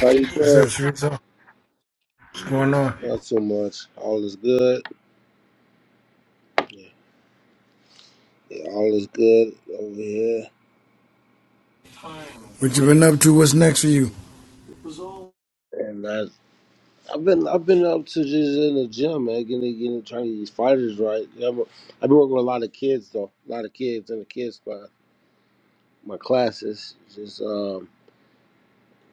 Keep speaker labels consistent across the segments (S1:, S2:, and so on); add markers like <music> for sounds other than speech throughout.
S1: How you
S2: What's up,
S1: doing?
S2: Sharita? What's going on?
S1: Not so much. All is good. Yeah, yeah, all is good over here.
S2: What you been up to? What's next for you?
S1: And I, I've been I've been up to just in the gym, man, getting getting trying to get these fighters right. Yeah, I'm- I've been working with a lot of kids though, a lot of kids in the kids squad. My classes, just um,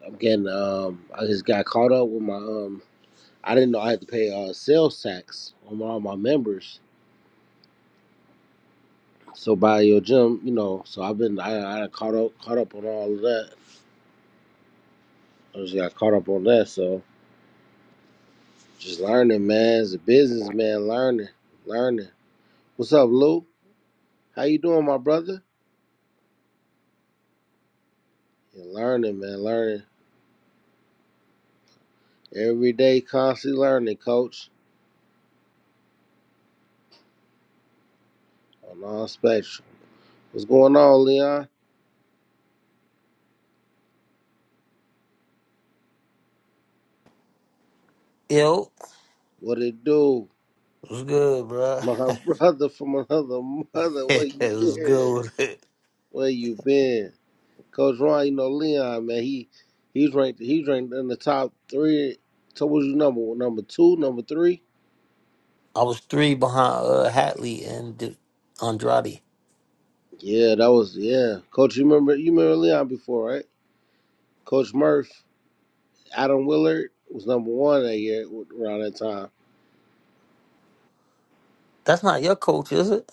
S1: I'm getting um, I just got caught up with my um, I didn't know I had to pay uh sales tax on all my members. So by your gym, you know, so I've been I, I caught up caught up on all of that. I just got caught up on that, so. Just learning, man. As a businessman, learning, learning. What's up, Lou? How you doing, my brother? Yeah, learning, man, learning. Every day, constantly learning, coach. On all spectrum. What's going on, Leon?
S3: Yo,
S1: What it do?
S3: was good, bro?
S1: <laughs> My
S3: <laughs>
S1: brother from another mother. Where
S3: it
S1: you
S3: was good
S1: been?
S3: with it.
S1: Where you been? Coach Ron, you know Leon, man. He he's ranked he's ranked in the top three. So what was you number? Number two, number three?
S3: I was three behind uh, Hatley and D- Andrade.
S1: Yeah, that was yeah. Coach, you remember you remember Leon before, right? Coach Murph, Adam Willard was number one that year around that time.
S3: That's not your coach, is it?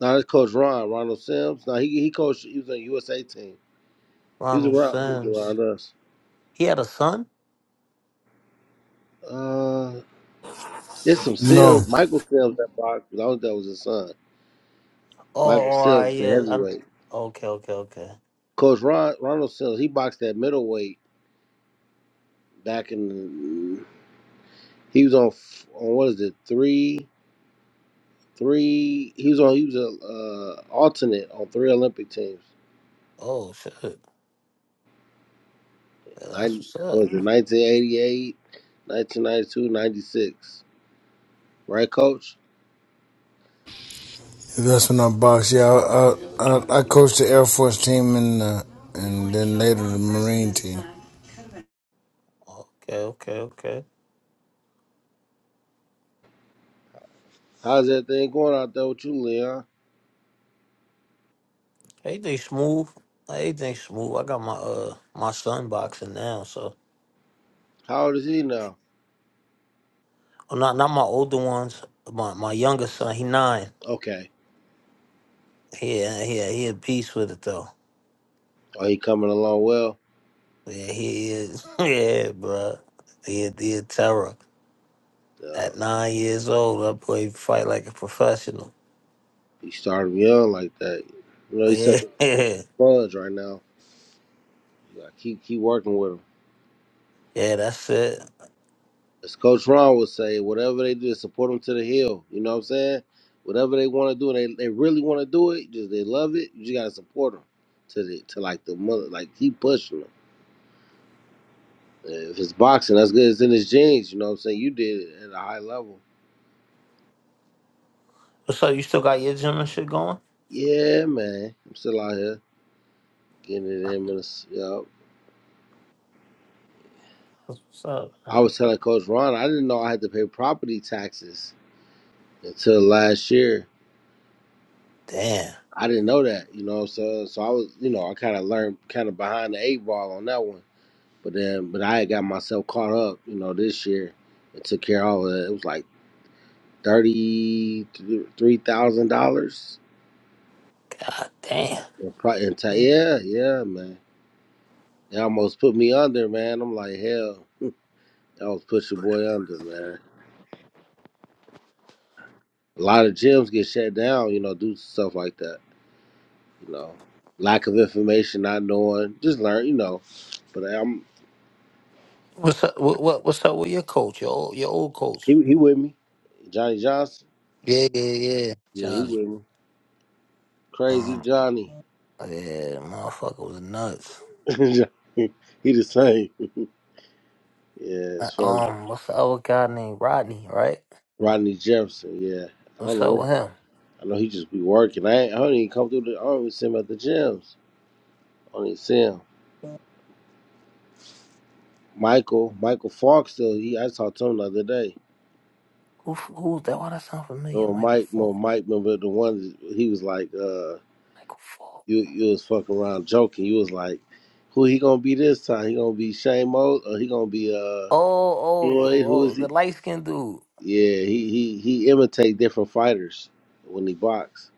S1: Now that's Coach Ron, Ronald Sims. Now he he coached. He was on USA team. He was
S3: Ronald
S1: around. He was
S3: Sims.
S1: around us.
S3: He had a son?
S1: Uh, it's some
S2: No,
S1: Sims, Michael Sims that boxed. I don't think that was his son,
S3: Oh, oh,
S1: Michael
S3: all right,
S1: Sims, the
S3: yeah. I,
S1: heavyweight.
S3: okay, okay, okay.
S1: Coach Ron, Ronald Sims, he boxed at middleweight back in. He was on f- on what is it three three? He was on. He was a uh, alternate on three Olympic teams.
S3: Oh, shit. Yeah, That's
S1: Nine
S3: what's up.
S1: was it 1988, 1992, 96. Right, coach?
S2: that's when I box. Yeah, I I, I, coached the Air Force team and uh, and then later the Marine team.
S3: Okay, okay, okay.
S1: How's that thing going out there with you, Leon?
S3: Everything smooth. Everything smooth. I got my uh my son boxing now, so
S1: How old is he now?
S3: oh, not not my older ones. My my younger son, he nine.
S1: Okay.
S3: Yeah, yeah, he at peace with it though.
S1: Oh, he coming along well.
S3: Yeah, he is. <laughs> yeah, bro. He a, he a terror.
S1: Uh,
S3: At nine years old, that boy fight like a professional.
S1: he started young like that. You know, he's
S3: Yeah,
S1: such a
S3: <laughs> yeah,
S1: sponge right now. You gotta keep keep working with him.
S3: yeah. that's it.
S1: As Coach Ron would say, whatever they do, support them to the hill. You know what I'm saying? Whatever they want to do, and they they really want to do it. Just they love it. You just gotta support them to the to like the mother, like keep pushing 'em. If it's boxing, that's good. It's in his genes. You know what I'm saying? You did it at a high level.
S3: What's up? You still got your gym and shit going?
S1: Yeah, man. I'm still out here getting it in. Minnesota. Yep.
S3: That's What's up,
S1: I
S3: man?
S1: was telling Coach Ron, I didn't know I had to pay property taxes until last year.
S3: Damn,
S1: I didn't know that. You know So, So I was, you know, I kind of learned kind of behind the eight ball on that one. But then, but I had got myself caught up, you know, this year and took care of all of that. It was like $33,000.
S3: god damn.
S1: in pro- Yeah, yeah, man. They almost put me under, man. I'm like, hell, I was put your boy under, man. A lot of gyms get shut down, you know, due to stuff like that. You know, lack of information, not knowing, just learn, you know. But I'm
S3: What's up? What, what what's up with your coach? Your old, your old coach?
S1: he he with me, Johnny Johnson.
S3: Yeah, yeah, yeah.
S1: Yeah, he
S3: Johnny.
S1: with me. Crazy
S3: Um,
S1: Johnny.
S3: yeah, motherfucker was nuts.
S1: <laughs> he the same. Yeah,
S3: Uh,
S1: it's funny.
S3: Um, what's the other guy named Rodney? Right?
S1: Rodney Jefferson. Yeah, I don't
S3: What's
S1: know
S3: up with
S1: where.
S3: him?
S1: I know he just be working. I ain't, I don't even come through the. I don't even see him at the gyms. I don't even see him. Michael, Michael Fox though, he I talked to him the other day.
S3: Who who's that? Why that sound familiar?
S1: Oh
S3: Michael
S1: Mike no
S3: Fulton.
S1: Mike remember the one he was like, uh
S3: Michael Fall.
S1: you you was fucking around joking. You was like, Who he gonna be this time? He gonna be Shane Mo or he gonna be uh
S3: Oh, oh,
S1: Floyd,
S3: oh,
S1: who
S3: oh,
S1: is
S3: the
S1: he?
S3: light skinned dude.
S1: Yeah, he he he imitate different fighters when he box.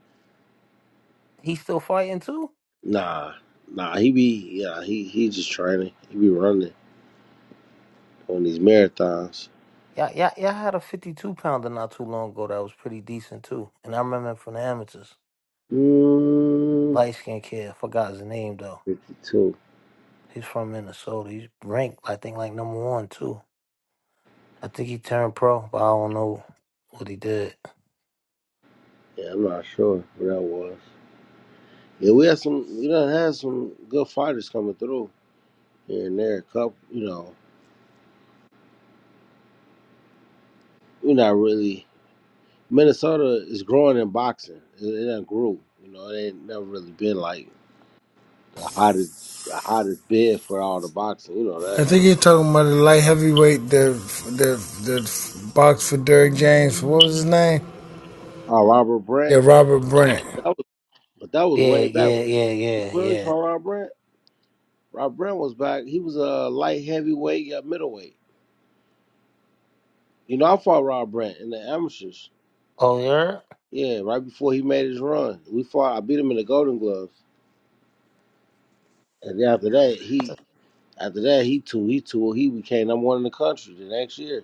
S3: He's still fighting too?
S1: Nah, nah, he be yeah, he he just training. He be running on these marathons.
S3: Yeah, yeah, yeah. I had a 52 pounder not too long ago that was pretty decent too. And I remember him from the amateurs.
S1: Mm,
S3: Light skinned kid. I forgot his name though.
S1: fifty two.
S3: He's from Minnesota. He's ranked, I think, like number one too. I think he turned pro, but I don't know what he did.
S1: Yeah, I'm not sure where that was. Yeah, we had some. We done had some good fighters coming through here and there. A Couple, you know, we're not really. Minnesota is growing in boxing. It, it done grew. You know, it ain't never really been like the hottest, the hottest bid for all the boxing. You know
S2: I
S1: that.
S2: think you're talking about the light heavyweight that that that box for Derrick James. What was his name?
S1: Oh, Robert
S2: Yeah,
S1: Brant.
S2: Robert Brant.
S1: That was, but that was
S3: Yeah,
S1: way back.
S3: yeah, yeah,
S1: You
S3: yeah,
S1: Really,
S3: yeah.
S1: from Robert Brant. Rob Brant was back. He was a light heavyweight, yeah, middleweight. You know, I fought Rob Brant in the amateurs.
S3: Oh, yeah?
S1: Yeah, right before he made his run, we fought. I beat him in the Golden Gloves. And then after that, he after that he too he too he became number one in the country the next year.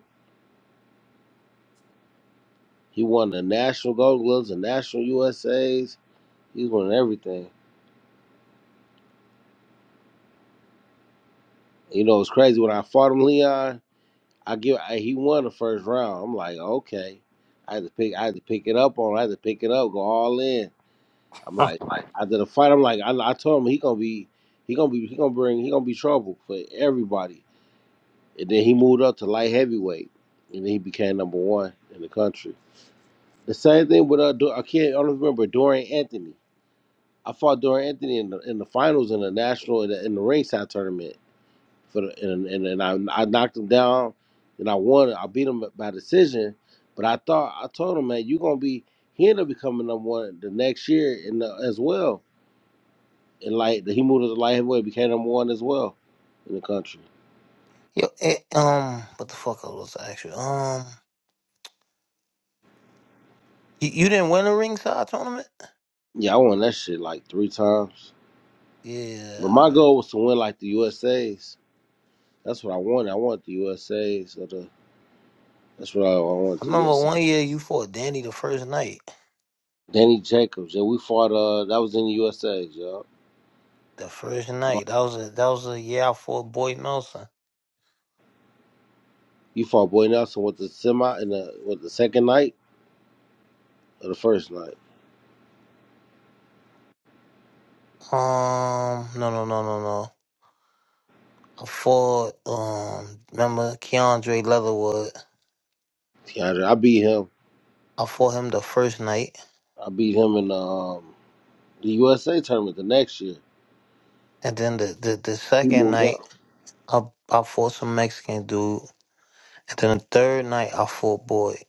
S1: He won the national gold gloves, the national USAs. He was winning everything. You know, it's crazy when I fought him, Leon. I give I, he won the first round. I'm like, okay, I had to pick I had to pick it up on. I had to pick it up, go all in. I'm like,
S3: Right.
S1: after the fight, I'm like, I, I told him he gonna be he gonna be he gonna bring he gonna be trouble for everybody. And then he moved up to light heavyweight, and then he became number one in the country. The same thing with uh, I can't I don't remember Dorian Anthony. I fought Dorian Anthony in the, in the finals in the national in the, in the ringside tournament for the and, and, and I I knocked him down and I won. I beat him by decision, but I thought I told him, man, you gonna be he ended up becoming number one the next year in the, as well. And like he moved to the light heavyweight, became number one as well in the country.
S3: <laughs> Yo, eh, um, what the fuck I was actually? Um, you, you didn't win a ringside tournament?
S1: Yeah, I won that shit like three times.
S3: Yeah,
S1: But
S3: all
S1: my
S3: right.
S1: goal was to win like the USA's. That's what I wanted. I wanted the USA's. That's what I, I want
S3: I
S1: the
S3: remember
S1: USA.
S3: one year you fought Danny the first night.
S1: Danny Jacobs, yeah, we fought. Uh, that was in the USA, yeah.
S3: The first
S1: I don't-
S3: night. That was a that was a year I fought Boyd Nelson.
S1: You fought Boy Nelson with the semi in the with the second night or the first night.
S3: Um no no no no no. I fought um remember Keandre Leatherwood.
S1: DeAndre, I beat him.
S3: I fought him the first night.
S1: I beat him in the um, the USA tournament the next year.
S3: And then the, the, the
S1: He
S3: second
S1: moved
S3: night
S1: up.
S3: I I fought some Mexican dude. And then the third night I fought Boyd.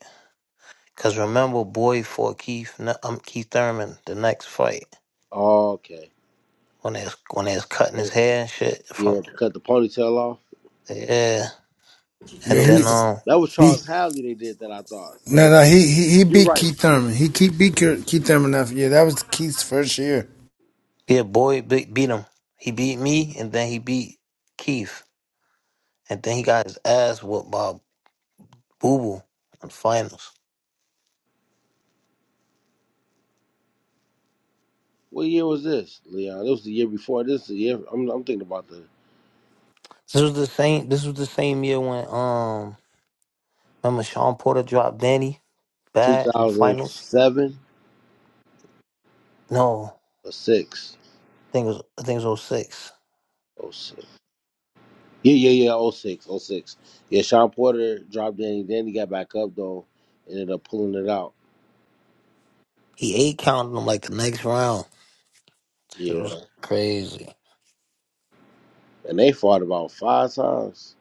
S3: Cause remember Boyd fought Keith Ne- um, Keith Thurman the next fight.
S1: Oh, okay.
S3: When they was when they was cutting his
S1: They-
S3: hair and shit from
S1: Yeah, cut the ponytail off.
S3: yeah. And
S2: Yeah, he
S1: Remember,
S3: then um
S1: that was
S2: he.
S1: Charles Hadley. They did that. I thought.
S2: No,
S1: And
S2: no, he, he he
S1: you're
S2: beat
S1: right.
S2: Keith Thurman. He keep beat Keith Thurman after. Yeah, That was Keith's first year.
S3: Yeah, boy, be- beat him. He beat me, and then he beat Keith, and then he got his ass whooped by Boo Boo in the finals.
S1: What year was this, Leon? It was the year before. This is the year. I'm, I'm thinking about the
S3: This was the same. This was the same year when um, remember Sean Porter dropped Danny bad in the finals.
S1: 2007
S3: No, I
S1: or six.
S3: think it was I think it was oh 06.
S1: Yeah, yeah, yeah. Oh six, oh six. Yeah, Sean Porter dropped Danny. Danny got back up though, ended up pulling it out.
S3: He eight counted him like the next round. It
S1: Yeah,
S3: was crazy.
S1: and they fought about five times.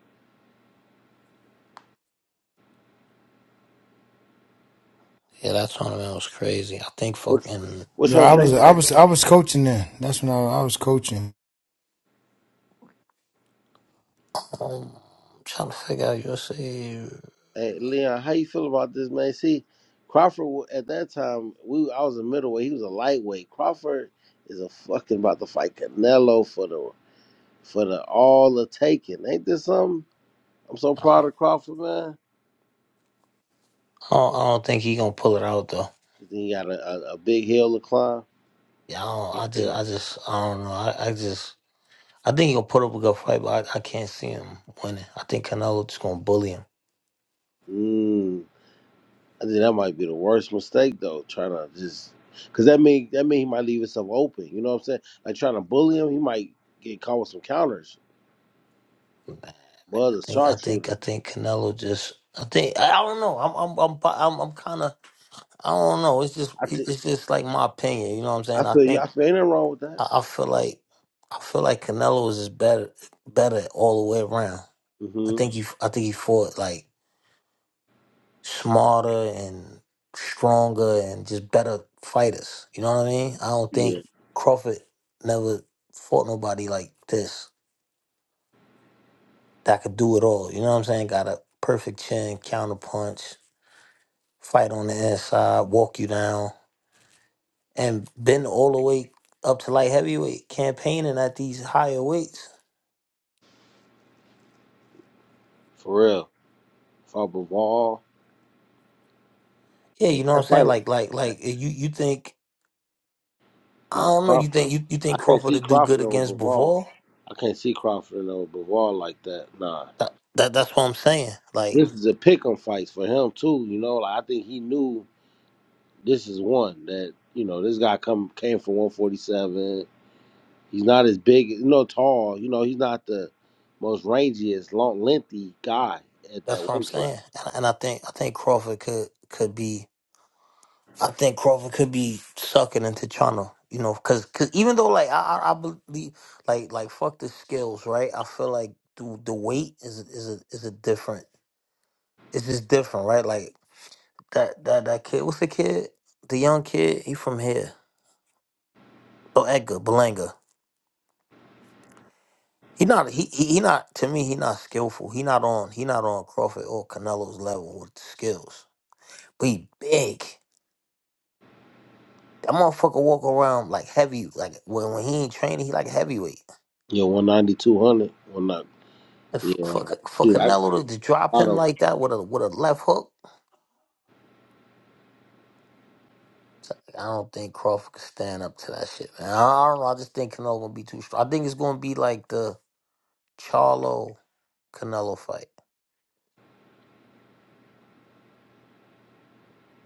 S3: Yeah, that tournament was crazy. I think
S1: What's
S3: fucking
S1: what's
S2: Yeah,
S1: your
S2: I was
S1: take
S2: I
S1: on?
S2: was I was coaching then. That's when I, I was coaching.
S3: um, I'm trying to figure out USA. I
S1: Hey, Leon, how you feel about this man? See, Crawford wa- at that time, we I was a middleweight. He was a lightweight. Crawford is a fucking about to fight Canelo for the for the all the taking. Ain't this something? I'm so proud of Crawford, man.
S3: don't, I don't think he gonna pull it out though.
S1: Then he got a, a, a big hill to climb.
S3: Yeah, I, don't,
S1: Big
S3: I just,
S1: hill.
S3: I just, I don't know. I, I just, I think he'll put up a good fight, but I, I can't see him winning. I think Canelo just gonna bully him.
S1: Mm. I think that might be the worst mistake though, trying to just because that mean that mean he might leave himself open. You know what I'm saying? Like trying to bully him, he might get caught with some counters. Buzz
S3: I
S1: a
S3: think, I think,
S1: sharpshooter.
S3: I think Canelo just, I think, I, I don't know. I'm, I'm, I'm, bi- I'm, I'm kind of, I don't know. It's just,
S1: I
S3: it-
S1: think
S3: it's just like my opinion. You know what I'm
S1: I
S3: saying? I
S1: feel you.
S3: think,
S1: I feel ain't nothing wrong with that.
S3: I, I feel like, I feel like Canelo is just better, better all the way around. I
S1: hmm
S3: think he, I think he fought like smarter and stronger and just better fighters. You know what I mean? I don't think
S1: Yeah,
S3: Crawford never fought nobody like this that could do it all. You know what I'm saying? Got a perfect chin, counterpunch, fight on the inside, walk you down, and been all the way up to light heavyweight, campaigning at these higher weights.
S1: for real. For Bivol,
S3: Yeah,
S1: man,
S3: you know what
S1: that
S3: I'm saying?
S1: fight with
S3: Like, like, like eh, you, you think I
S1: nah
S3: don't know. You
S1: Crawford.
S3: think you, you
S1: I
S3: think
S1: can't
S3: Crawford
S1: see
S3: would do good
S1: Crawford over
S3: against
S1: Bivol.
S3: Bivol?
S1: I can't see Crawford over Bivol like that. Nah,
S3: That, that that's what I'm saying. Like.
S1: this is a pick 'em fight for him too. You know, like I think he knew. this is one that you know this guy come came from 147. He's not as big, you know, tall. You know, he's not the most rangiest, long, lengthy guy at
S3: That's
S1: that
S3: what I'm
S1: weight class.
S3: saying, and, and I think I think Crawford could could be. I think Crawford could be sucking into China, you know, because cause 'cause even though like I, I I believe like like fuck the skills, right? I feel like the the weight is is a, is a different. It's just different, right? Like that that that kid. What's the kid? The young kid. He from here. Oh, Edgar Belanga. He not he, he he not to me. He not skillful. He not on he not on Crawford or Canelo's level with skills. But he big. That motherfucker walk around like heavy, like when, when he ain't training, he like heavyweight.
S1: Yeah, 190, 200, 190.
S3: If, for
S1: Yeah,
S3: for
S1: dude, I,
S3: Canelo to, to drop
S1: I
S3: him
S1: don't.
S3: like that with a with a left hook, I don't think Crawford could stand up to that shit, man. I, I don't know. I just think Canelo gonna be too strong. I think it's gonna be like the Charlo Canelo fight.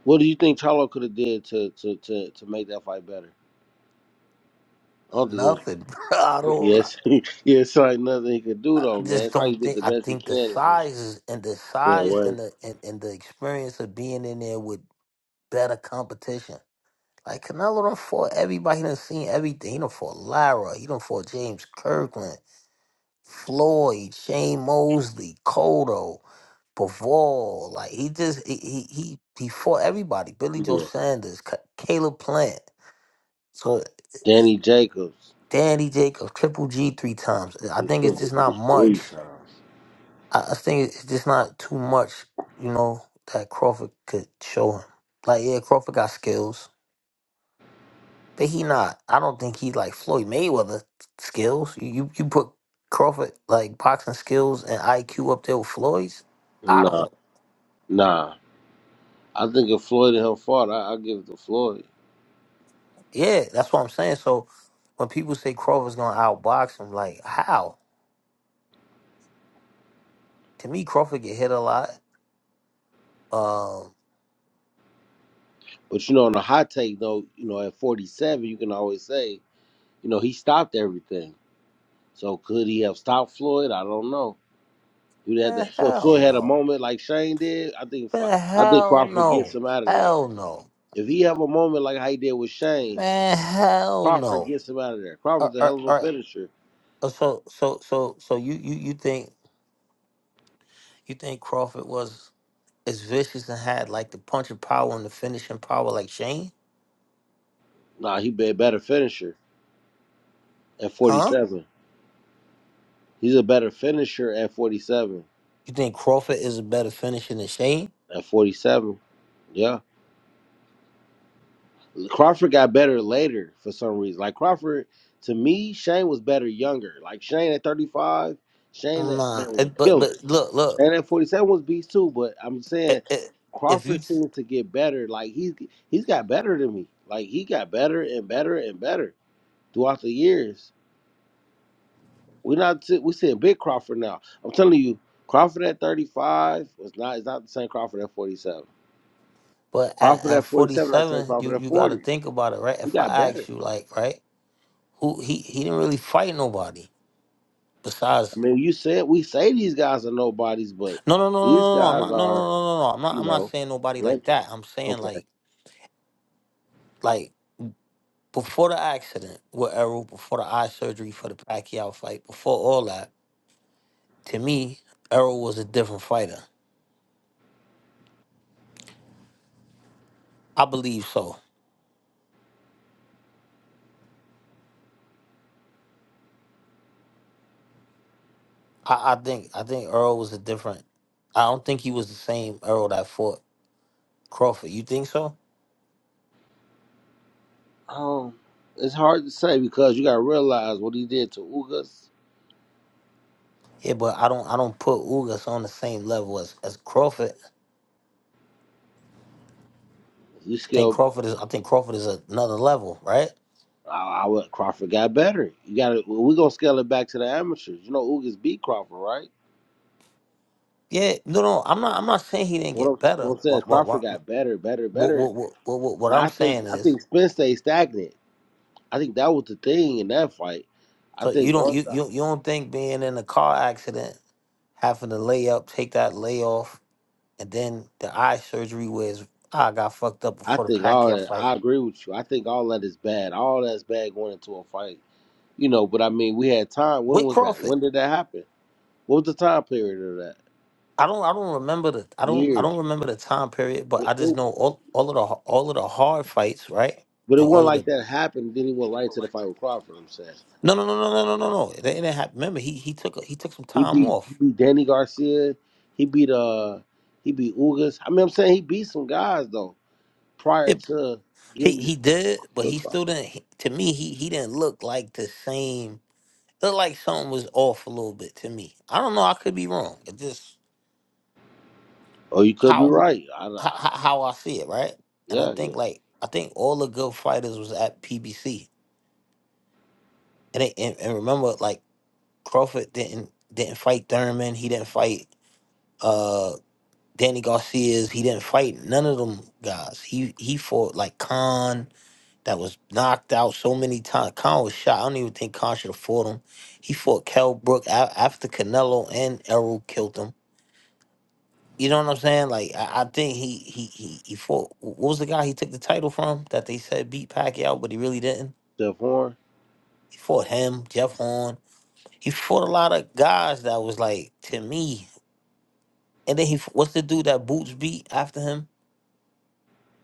S1: What do you think Charlo could have did to, to to to make that fight better? I don't think it was.
S3: Nothing, <laughs> bro. I don't. I
S1: Yes, <laughs> yeah, it's like nothing he could do though,
S3: I
S1: man.
S3: just
S1: It's like he
S3: don't
S1: did
S3: think.
S1: the
S3: I
S1: best he
S3: think the
S1: can and just
S3: size is, and the
S1: yeah,
S3: size and
S1: work.
S3: the and, and the experience of being in there with better competition. Like Canelo done fought everybody. He done seen everything. He done fought Lara. He done fought James Kirkland, Floyd, Shane Mosley, Cotto, Bivol. Like he just he he he, he fought everybody. Billy Joe
S1: Yeah,
S3: Sanders, Ca- Caleb Plant. So eh,
S1: Danny Jacobs,
S3: Danny Jacobs, Triple G three times. I
S1: he
S3: think it's
S1: struggled
S3: just
S1: with
S3: not
S1: three
S3: much.
S1: times.
S3: I, I think it's just not too much. You know that Crawford could show him. Like yeah, Crawford got skills But he not. I don't think he like Floyd Mayweather skills. You you you put Crawford like boxing skills and IQ up there with Floyd's. I
S1: No.
S3: don't.
S1: Nah, I think if Floyd and him fought, I, I give it to Floyd.
S3: Yeah, that's what I'm saying. So when people say Crawford's gonna outbox him, like how? To me, Crawford get hit a lot. Um,
S1: But you know, on a hot take though, you know, at 47, you can always say, you know, he stopped everything. So could he have stopped Floyd? I don't know. You had that.
S3: man,
S1: Flo-
S3: hell
S1: Floyd had a
S3: no.
S1: moment like Shane did. I think. Flo-
S3: Man,
S1: I think
S3: hell
S1: Crawford gets
S3: no.
S1: him out of there.
S3: Hell no.
S1: If he have a moment like how he did with Shane,
S3: Man, hell
S1: Crawford
S3: no.
S1: gets him out of there. Crawford's
S3: All
S1: a hell of a
S3: right.
S1: finisher.
S3: So so so so you you you think you think Crawford was? is vicious and had like the punching power and the finishing power like Shane?
S1: Nah, he be a better finisher at
S3: Huh?
S1: 47. He's a better finisher at 47.
S3: You think Crawford is a better finisher than Shane?
S1: At 47, yeah. Crawford got better later for some reason. Like Crawford, to me, Shane was better younger. Like Shane at 35, Shane that
S3: Nah.
S1: man was
S3: It,
S1: a
S3: but but
S1: killer.
S3: look look,
S1: Shane at 47 was beast too, but I'm saying
S3: it, it, if you
S1: Crawford seemed to get better. Like he's he's got better than me. Like he got better and better and better throughout the years. We're not see- we're seeing big Crawford now. I'm telling you, Crawford at 35 was not is not the same Crawford at 47.
S3: but at,
S1: Crawford
S3: at
S1: at
S3: forty
S1: 47, not the same
S3: seven,
S1: Crawford
S3: you
S1: at
S3: you got to
S1: 40.
S3: think about it, right?
S1: He
S3: If I
S1: got better.
S3: ask you, like, right, who he he didn't really fight nobody besides.
S1: I mean, you said we say these guys are nobodies, but
S3: No no no no
S1: these
S3: no no. I'm
S1: guys
S3: not no no
S1: are,
S3: no no no. I'm not
S1: you
S3: I'm not
S1: know,
S3: saying nobody like
S1: record.
S3: that. I'm saying
S1: Okay.
S3: like like before the accident with Errol, before the eye surgery for the Pacquiao fight, before all that To me, Earl was a different fighter. I believe so. I, I think I think Earl was a different. I don't think he was the same Earl that fought Crawford. You think so?
S1: Um, it's hard to say because you got to realize what he did to Ugas.
S3: Yeah, but I don't I don't put Ugas on the same level as, as Crawford.
S1: He
S3: I think
S1: scaled.
S3: Crawford is I think Crawford is another level, right?
S1: I, I would- Crawford got better. You got to. We're gonna scale it back to the amateurs. You know, Ugas beat Crawford, right?
S3: Yeah, no, no. I'm not I'm not saying he didn't
S1: What I'm,
S3: get better.
S1: what I'm saying is
S3: What what
S1: Crawford
S3: what
S1: got better, better,
S3: what what
S1: better.
S3: what, what, what what
S1: And
S3: I'm
S1: I think
S3: saying
S1: I
S3: is
S1: think Spence stayed stagnant. I think that was the thing in that fight. I
S3: so you
S1: think
S3: don't you,
S1: once.
S3: you you don't think being in a car accident, having to lay up, take that layoff. and then the eye surgery was I got fucked up
S1: I
S3: before the
S1: think all
S3: Pacquiao
S1: that.
S3: fight
S1: I agree with you. I think all that is bad. All that's bad going into a fight, you know. But I mean, we had time. When
S3: with
S1: was that?
S3: Crawford.
S1: When did that happen? What was the time period of that?
S3: I don't I don't remember the I don't I
S1: Years.
S3: don't remember the time period, but
S1: It-
S3: I just
S1: it-
S3: know all, all of the h- all of the hard fights, right?
S1: but it
S3: And all
S1: wasn't
S3: of
S1: like
S3: the
S1: that happened. Then he went right into the fight with Crawford. I'm saying
S3: no no no no no no no no. It didn't happen. Remember he he took a, he took some
S1: he
S3: time
S1: beat he
S3: off.
S1: beat Danny Garcia. He beat uh he beat Ugas. I mean, I'm saying he beat some guys though prior
S3: It,
S1: to
S3: he
S1: getting
S3: he did, but
S1: to
S3: he
S1: Crawford.
S3: still didn't. He, to me, he he didn't look like the same. Looked like something was off a little bit to me. I don't know. I could be wrong. It just
S1: Oh, you could be
S3: how
S1: right. I,
S3: how,
S1: I
S3: how I see it, right? And I
S1: yeah, yeah.
S3: think like I think all the good fighters was at PBC, and they, and, and remember like Crawford didn't didn't fight Thurman, he didn't fight uh Danny Garcia's, he didn't fight none of them guys. He he fought like Khan that was knocked out so many times. Khan was shot. I don't even think Khan should have fought him. He fought Kell Brook a- after Canelo and Errol killed him You know what I'm saying? Like I, I think he he he he fought. What was the guy he took the title from that they said beat Pacquiao, but he really didn't.
S1: Jeff Horn.
S3: He fought him, Jeff Horn. He fought a lot of guys that was like to me. And then he f- what's the dude that Boots beat after him?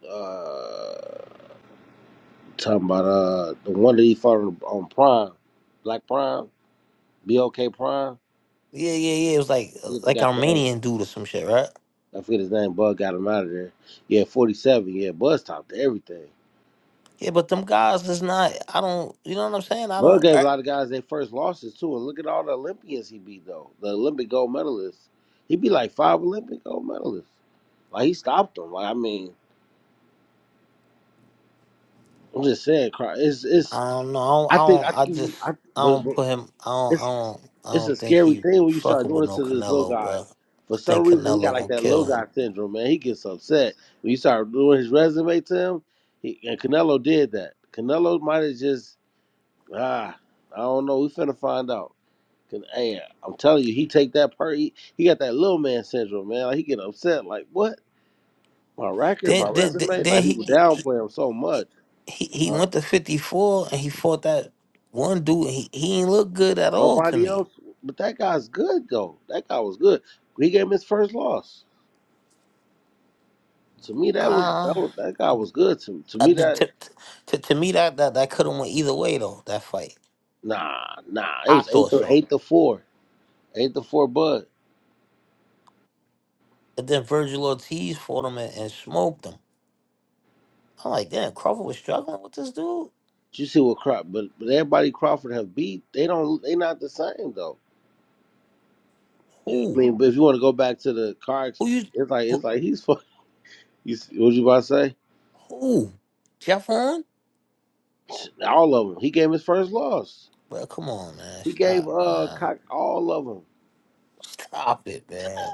S1: Uh. Talking about uh the one that he fought on, on Prime, Black Prime, BOK Prime. I
S3: Yeah, yeah, yeah. It was like uh,
S1: forget the
S3: like
S1: guy's name.
S3: Armenian dude or some shit, right?
S1: I forget his name. Bud got him out of there. Yeah, 47. Yeah, Bud stopped everything.
S3: Yeah, but them guys is not. I don't. You know what I'm saying? I
S1: Bud
S3: don't.
S1: gave a lot of guys their first losses too. And look at all the Olympians he beat though. The Olympic gold medalists. He beat like five Olympic gold medalists. Like he stopped them. Like I mean, I'm just saying, cry- it's it's.
S3: I don't know. I don't. I,
S1: I think I
S3: don't,
S1: think
S3: I
S1: you-
S3: just.
S1: I
S3: I
S1: but,
S3: don't
S1: but
S3: put him. I don't. I
S1: it's
S3: don't. I
S1: It's a
S3: don't think
S1: scary
S3: he
S1: thing when you start
S3: fucking
S1: doing
S3: with
S1: it
S3: no
S1: to this little
S3: Canelo,
S1: guy.
S3: bro. I
S1: For some
S3: think
S1: reason, he got
S3: Canelo
S1: like
S3: gonna
S1: that low
S3: kill
S1: guy
S3: him.
S1: syndrome, man. He gets upset when you start doing his resume to him. He, and Canelo did that. Canelo might have just ah, I don't know. We finna find out. 'Cause, Hey, I'm telling you, he take that per. He, he got that little man syndrome, man. Like he get upset. Like what? My record,
S3: Then,
S1: my
S3: then, then
S1: resume.
S3: then
S1: Like
S3: he
S1: people
S3: he
S1: downplay him so much.
S3: he he
S1: Uh,
S3: went to fifty four and he fought that one dude. He he ain't look good at all to
S1: nobody
S3: me.
S1: else, but that guy's good though. That guy was good. He gave him his first loss. To me, that was that,
S3: Uh,
S1: was, that guy was good. To to
S3: I,
S1: me,
S3: did-
S1: that
S3: to, to to me that that that could have went either way though. That fight,
S1: nah nah. It
S3: I
S1: was eight
S3: thought
S1: to
S3: so.
S1: eight to four, eight to four. Bud,
S3: But then Virgil Ortiz fought him and, and smoked him. I'm like, damn, Crawford was struggling with this dude.
S1: you see what Crawford, but but everybody Crawford have beat. They don't. They not the same though. I
S3: Who
S1: mean, but if you want to go back to the cards,
S3: who you?
S1: it's like it's like he's fuck. You see, what you about to say?
S3: Who? Jeffron?
S1: All of them. He gave his first loss.
S3: Well, come on, man.
S1: He gave
S3: Stop,
S1: uh
S3: man.
S1: cock all of them.
S3: Stop it, man.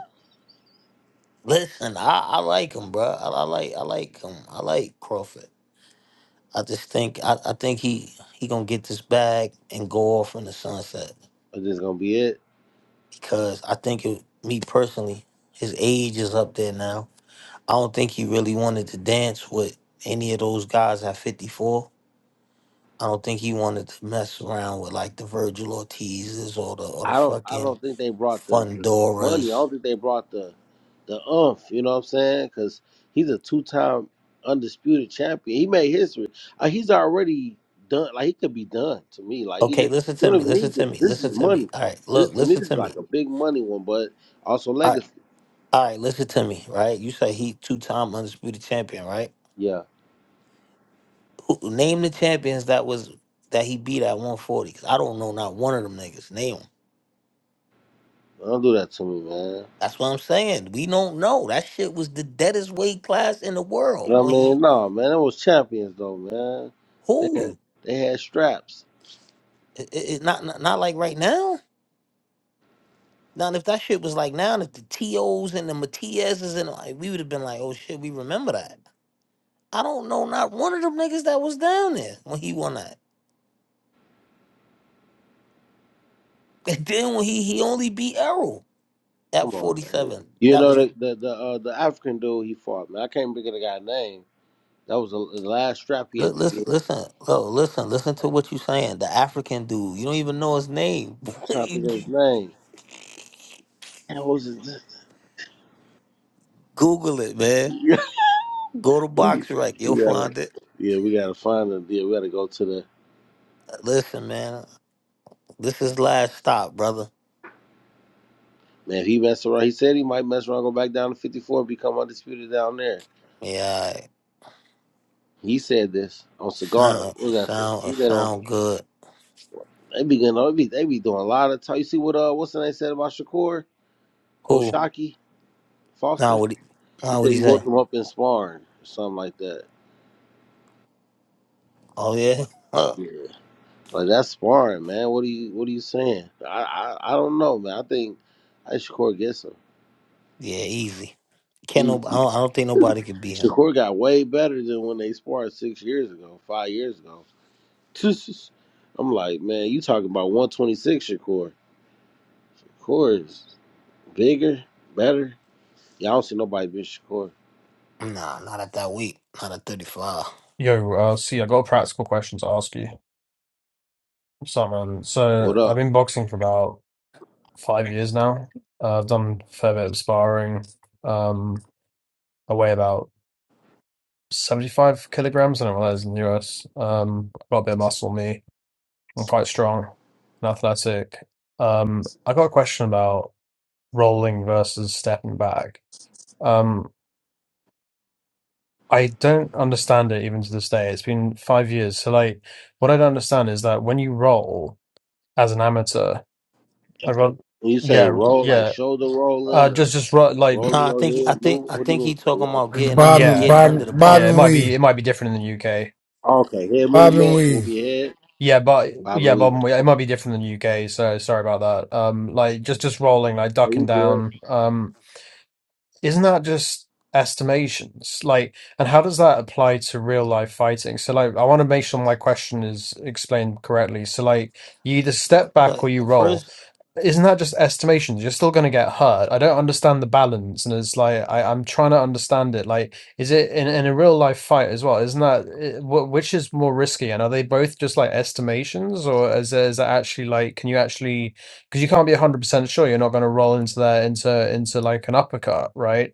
S3: Listen, I, I like him, bro. I, I like I like him. I like Crawford. I just think I, I think he he gonna get this bag and go off in the sunset
S1: Is this gonna be it.
S3: because I think it, me personally, his age is up there now. I don't think he really wanted to dance with any of those guys at fifty four. I don't think he wanted to mess around with like the Virgil Ortizes or the or the
S1: I don't I
S3: fucking
S1: don't think they brought the, the, the money. I
S3: Fundoras.
S1: don't think they brought the the umph. You know what I'm saying? Because he's a two time undisputed champion. He made history. Uh, he's already done. Like he could be done to me. Like he
S3: Okay,
S1: did,
S3: listen
S1: you
S3: to
S1: don't
S3: me.
S1: even
S3: Listen
S1: need
S3: to
S1: this.
S3: me.
S1: This is
S3: Listen
S1: just
S3: to me.
S1: money.
S3: All right,
S1: This
S3: look,
S1: to me
S3: listen
S1: this is
S3: to me.
S1: like a big money one, but also
S3: All right,
S1: legacy.
S3: all right listen to me. Right, you say he two-time undisputed champion, right?
S1: Yeah,
S3: Who, name the champions that was that he beat at 140. 'cause I don't know not one of them niggas. Name 'em.
S1: don't do that to me, man.
S3: That's what I'm saying. We don't know. That shit was the deadest weight class in the
S1: You
S3: world
S1: know what I
S3: when he
S1: mean? No, man, it was champions though, man. They had
S3: who.
S1: they had straps.
S3: It, it, it- not, not not like right now. Now if that shit was like now, if the tos and the Matias's and like we would have been like, oh shit, we remember that. I don't know not one of them niggas that was down there when he won that. And then when he he only beat Errol
S1: Come
S3: at
S1: on,
S3: forty
S1: man.
S3: seven.
S1: You
S3: That
S1: know
S3: was
S1: the the the, uh, the African dude he fought, man. I can't think of the guy's name. That was the, the last strap he
S3: li-
S1: had to
S3: listen
S1: get.
S3: listen oh listen listen to what you saying. The African dude, you don't even know his name.
S1: I can't think
S3: <laughs>
S1: of his name. And what was his name?
S3: Google it,
S1: <laughs>
S3: man. Go to
S1: Yeah, we,
S3: BoxRec. you'll
S1: we gotta,
S3: find it.
S1: yeah, we gotta find him. Yeah, we gotta go to the
S3: Listen, man, this is last stop, brother.
S1: man. If he mess around, he said he might mess around, go back down to fifty four, become undisputed down there.
S3: Yeah, alright.
S1: He said this on cigar.
S3: sound
S1: What
S3: it
S1: was that? Cigar?
S3: sound it
S1: He said on
S3: sound good.
S1: they be getting, they be they be doing a lot of talk. You see what uh what's the name said about Shakur
S3: Cool.
S1: Oshaki
S3: Now
S1: Foster?
S3: what? He,
S1: He
S3: now what
S1: said
S3: he
S1: he
S3: say?
S1: woke him up in sparring or something like that.
S3: Oh yeah. <laughs>
S1: Yeah. Like that's sparring, man. What are you what are you saying? I I, I don't know, man. I think I Shakur gets him.
S3: Yeah, easy. Can't no. I
S1: Easy.
S3: don't, I don't think nobody could beat him.
S1: Shakur got way better than when they sparred six years ago, five years ago. <laughs> I'm like, man, you talking about one twenty six Shakur. Shakur is bigger, better. Y'all don't see nobody beat Shakur.
S3: Nah, not at that weight. Not at thirty five.
S4: Yo, uh, see, I got a practical question to ask you. So, man, so
S1: What
S4: I've
S1: up?
S4: been boxing for about five years now. Uh, I've done a fair bit of sparring. Um, I weigh about 75 kilograms. I don't know what that is in the US. Um, I've got a bit of muscle on me. I'm quite strong and athletic. Um, I got a question about rolling versus stepping back. Um, I don't understand it even to this day. It's been five years. So, like, what I don't understand is that when you roll, as an amateur. I run,
S1: When you say
S4: yeah,
S1: roll like
S4: yeah.
S1: shoulder
S4: Uh,
S1: rolling
S4: just
S1: or
S4: just run, like
S1: rolling
S3: Nah, I
S1: your
S3: think I
S1: head,
S3: think
S1: move,
S3: I
S1: what do
S3: think he
S1: you
S3: talking
S1: mean?
S3: about getting
S2: Bob
S3: under
S2: and
S4: yeah,
S3: getting under the
S2: Bob, bobbing
S4: yeah. It
S3: punch.
S4: might
S2: Weave.
S4: be it might be different in the UK.
S1: Okay, head
S2: bobbing
S1: movement, move
S2: Weave.
S1: your head,
S4: Yeah, but
S1: bobbing,
S4: yeah, but
S1: weaving.
S4: um, it might
S1: Okay,
S4: be different in the UK. So sorry about that. Um, like just just rolling, like
S1: so
S4: ducking
S1: you good?
S4: down. Um. isn't that just estimations like and how does that apply to real life fighting so like i want to make sure my question is explained correctly so like you either step
S3: But,
S4: back
S3: Like
S4: or you roll
S3: first,
S4: isn't that just estimations you're still going to get hurt i don't understand the balance and it's like I, i'm trying to understand it like is it in, in a real life fight as well isn't that eh, wh- which is more risky and are they both just like estimations or is, there, is that actually like can you actually because you can't be 100% sure you're not going to roll into there into into like an uppercut right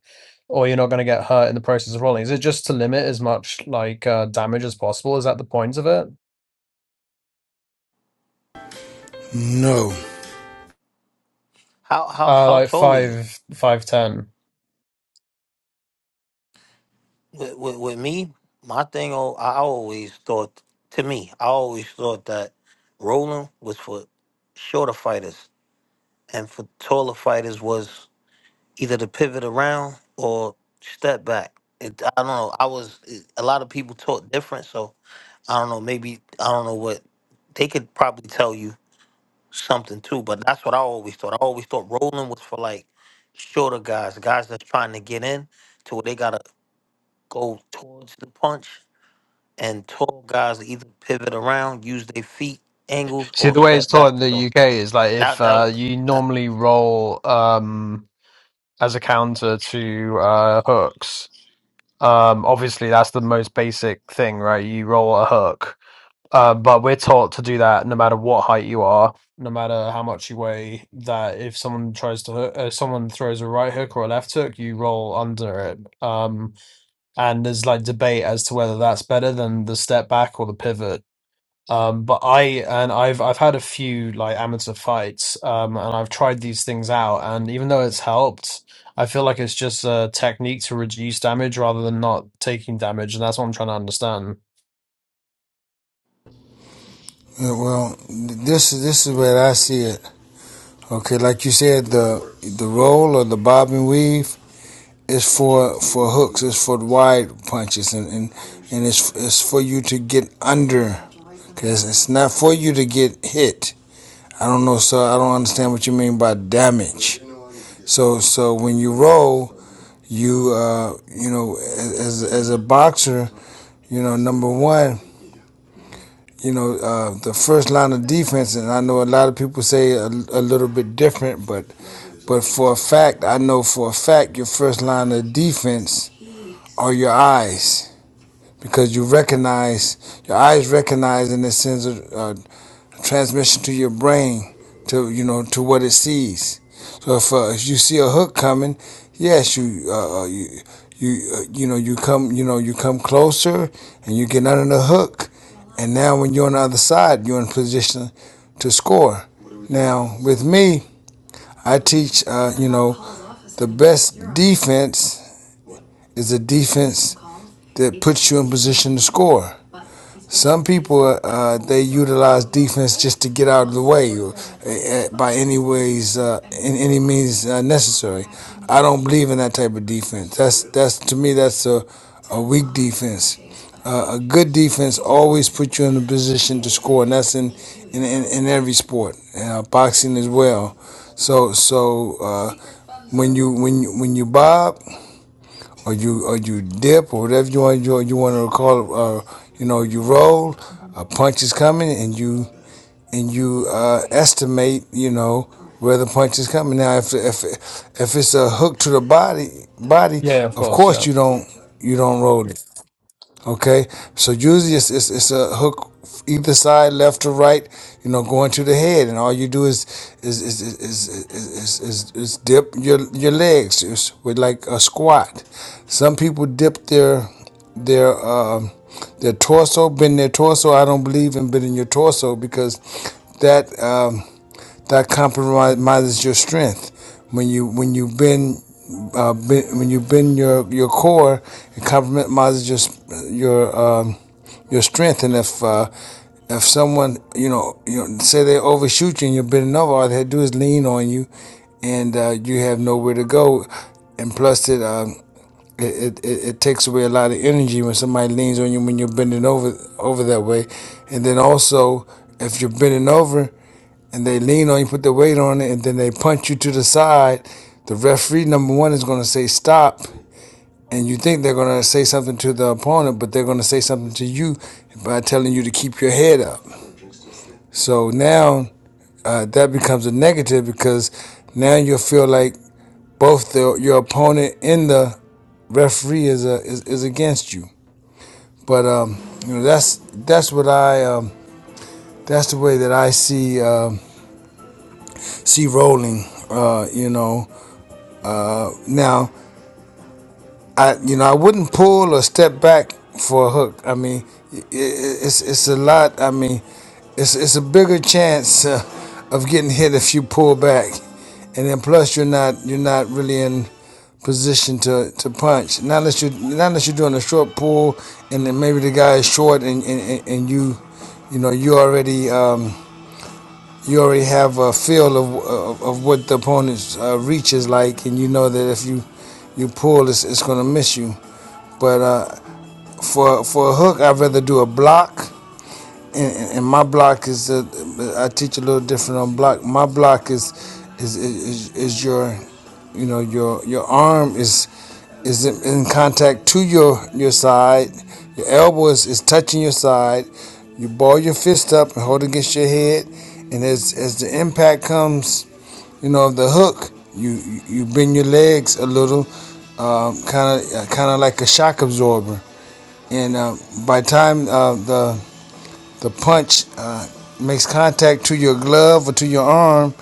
S4: or you're not going to get hurt in the process of rolling is it just to limit as much like uh damage as possible is that the point of it
S2: No.
S3: how how
S4: uh
S3: how
S4: like
S3: tall are you?
S4: five five ten
S3: With, with, with me, my thing. Oh, I always thought to me, I always thought that rolling was for shorter fighters, and for taller fighters was either to pivot around or step back. It, I don't know. I was it, a lot of people taught different, so. I don't know, maybe I don't know what they could probably tell you something too, but that's what I always thought. I always thought rolling was for like shorter guys, guys that's trying to get in to where they gotta go towards the punch and tall guys either pivot around, use their feet angles
S4: See,
S3: or
S4: the way it's
S3: step
S4: taught in
S3: back.
S4: the
S3: So
S4: UK is like if
S3: that that
S4: uh, you
S3: was
S4: normally roll um, as a counter to uh, hooks. Um, obviously, that's the most basic thing, right? You roll a hook. Uh, but we're taught to do that no matter what height you are, no matter how much you weigh. That if someone tries to hook, uh, someone throws a right hook or a left hook, you roll under it. Um, and there's like debate as to whether that's better than the step back or the pivot. Um, but I and I've I've had a few like amateur fights, um, and I've tried these things out, and even though it's helped, I feel like it's just a technique to reduce damage rather than not taking damage, and that's what I'm trying to understand.
S2: Uh, Well, this is this is where I see it. Okay, like you said, the the roll or the bobbing Weave is for for hooks. It's for wide punches, and and, and it's it's for you to get under. Cause it's not for you to get hit. I don't know, sir. I don't understand what you mean by damage. So so when you roll, you uh you know as as a boxer, you know number one you know, uh, the first line of defense, and I know a lot of people say a, a little bit different, but but for a fact, I know for a fact your first line of defense are your eyes because you recognize your eyes recognize in the sense of uh, transmission to your brain to you know to what it sees. So if, uh, if you see a hook coming, yes, you uh, uh, you you uh, you know you come you know you come closer and you get under the hook, and now when you're on the other side, you're in position to score. Now with me, I teach uh, you know the best defense is a defense that puts you in position to score. Some people uh, they utilize defense just to get out of the way or, uh, by any ways, uh, in any means uh, necessary. I don't believe in that type of defense. That's that's to me that's a, a weak defense. Uh, a good defense always puts you in a position to score, and that's in in, in, in every sport, uh, boxing as well. So so uh, when you when you, when you bob or you or you dip or whatever you want you, you want to call it, uh, you know you roll a punch is coming and you and you uh, estimate you know where the punch is coming now if if if it's a hook to the body body
S4: Yeah, of
S2: of
S4: course,
S2: course
S4: yeah.
S2: you don't you don't roll it Okay, so usually it's, it's, it's a hook either side, left or right, you know, going to the head, and all you do is is is is is, is, is, is dip your your legs it's with like a squat. Some people dip their their um, their torso, bend their torso. I don't believe in bending your torso because that. Um, that compromises your strength. When you when you bend, uh, bend when you bend your, your core, it compromises your your um, your strength. And if uh, if someone you know you know, say they overshoot you and you're bending over, all they do is lean on you, and uh, you have nowhere to go. And plus, it, um, it it it takes away a lot of energy when somebody leans on you when you're bending over over that way. And then also, if you're bending over and they lean on you, put their weight on it, and then they punch you to the side, the referee number one is going to say stop, and you think they're going to say something to the opponent, but they're going to say something to you by telling you to keep your head up. So now uh, that becomes a negative because now you'll feel like both the, your opponent and the referee is, uh is is against you. But um, you know that's that's what I um, that's the way that I see um see rolling. Uh, you know now. I you know I wouldn't pull or step back for a hook. I mean, i i it's it's a lot. I mean, it's it's a bigger chance uh, of getting hit if you pull back, and then plus you're not you're not really in position to, to punch. Not unless you not unless you're doing a short pull, and then maybe the guy is short, and and, and and you you know you already um, you already have a feel of of, of what the opponent's uh, reach is like, and you know that if you you pull, it's, it's going to miss you. But uh, for for a hook, I'd rather do a block. And, and my block is uh, I teach a little different on block. My block is is is, is your you know your your arm is is in, contact to your your side. Your elbow is, is touching your side. You ball your fist up and hold it against your head. And as as the impact comes, you know, of the hook, you you bend your legs a little, kind of kind of like a shock absorber, and uh, by the time uh, the the punch uh, makes contact to your glove or to your arm,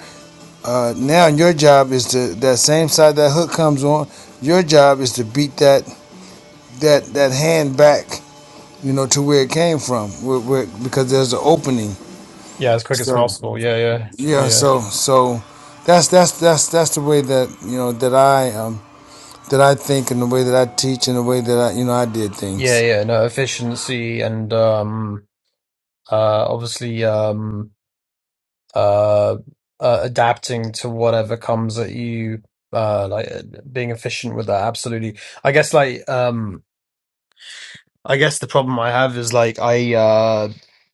S2: uh, now your job is to that same side that hook comes on. Your job is to beat that that that hand back, you know, to where it came from, where, where, because there's an opening.
S4: Yeah, as quick as
S2: So
S4: possible. Yeah, yeah, yeah,
S2: yeah,
S4: yeah,
S2: so so that's that's that's that's the way that you know that I um, that I think and the way that I teach and the way that I you know I did
S4: yeah,
S2: things.
S4: yeah. No efficiency and um, uh, obviously um, uh, uh, adapting to whatever comes at you. Uh, like uh, being efficient with that. Absolutely. I guess like um, I guess the problem I have is like I uh,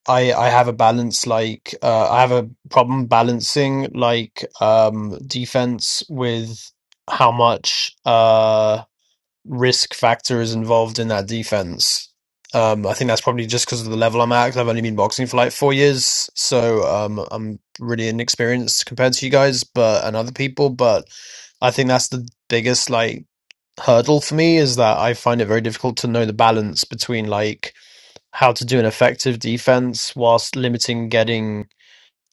S4: I I have a balance like uh, I have a problem balancing like um defense with how much uh risk factors involved in that defense. Um, I think that's probably just because of the level I'm at. 'cause I've only been boxing for like four years, so um, I'm really inexperienced compared to you guys, but and other people. But I think that's the biggest like hurdle for me is that I find it very difficult to know the balance between like how to do an effective defense whilst limiting getting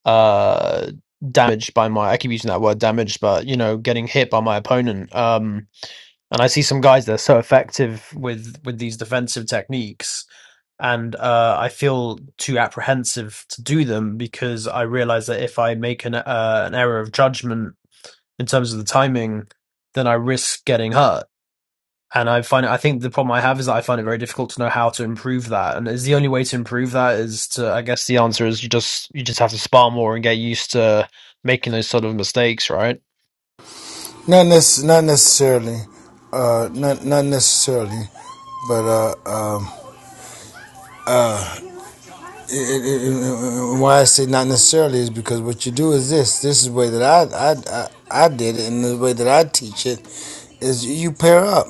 S4: uh damaged by my I keep using that word damaged, but you know, getting hit by my opponent. Um and I see some guys that are so effective with with these defensive techniques and uh I feel too apprehensive to do them because I realize that if I make an uh, an error of judgment in terms of the timing, then I risk getting hurt and I find it, I think the problem I have is that I find it very difficult to know how to improve that. And is the only way to improve that is to, I guess the answer is you just, you just have to spar more and get used to making those sort of mistakes, right?
S2: Not, nece- not necessarily. Uh, not not necessarily. But uh, um, it, it, it, it- why I say not necessarily is because what you do is this. This is the way that I I, I, I did it, and the way that I teach it is you pair up.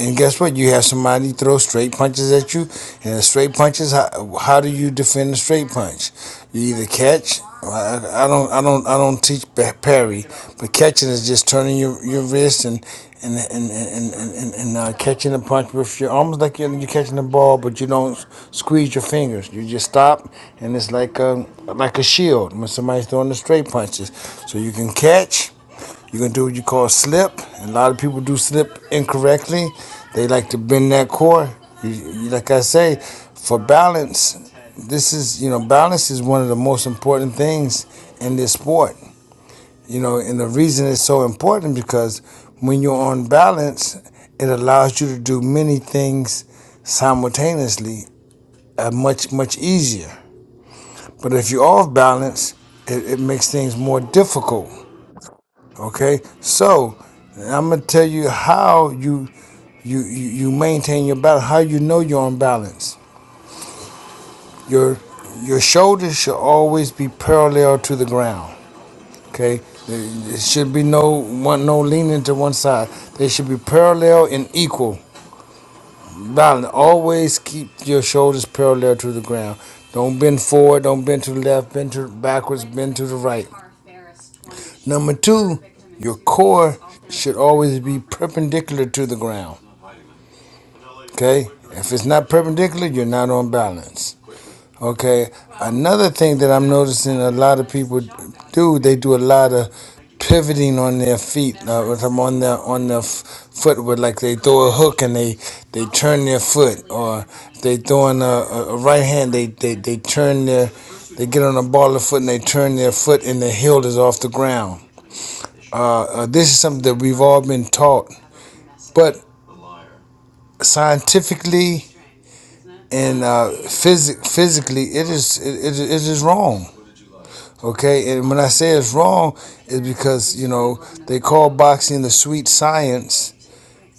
S2: And guess what? You have somebody throw straight punches at you, and the straight punches. How, how do you defend a straight punch? You either catch. I, I don't. I don't. I don't teach parry, but catching is just turning your, your wrist and and and and and, and, and uh, catching the punch with your almost like you're, you're catching the ball, but you don't squeeze your fingers. You just stop, and it's like a like a shield when somebody's throwing the straight punches. So you can catch. You're gonna do what you call slip. And a lot of people do slip incorrectly. They like to bend that core. You, you- like I say, for balance, this is you know balance is one of the most important things in this sport. You know, and the reason it's so important because when you're on balance, it allows you to do many things simultaneously, uh, much much easier. But if you're off balance, it, it makes things more difficult. Okay, so I'm gonna tell you how you you you maintain your balance. How you know you're on balance. Your your shoulders should always be parallel to the ground. Okay, there there should be no one no leaning to one side. They should be parallel and equal Balance. Always keep your shoulders parallel to the ground. Don't bend forward. Don't bend to the left. Bend to backwards. Bend to the right. Number two, your core should always be perpendicular to the ground. Okay? If it's not perpendicular, you're not on balance. Okay. Another thing that I'm noticing a lot of people do, they do a lot of pivoting on their feet. Uh, with them on their on their f- foot, with like they throw a hook and they they turn their foot, or if they throwing a, a, a right hand, they they they turn their they get on a ball of foot and they turn their foot and the heel is off the ground. Uh, uh, this is something that we've all been taught, but scientifically and uh, physic physically, it is it, it, it is wrong. Okay, and when I say it's wrong, it's because you know they call boxing the sweet science.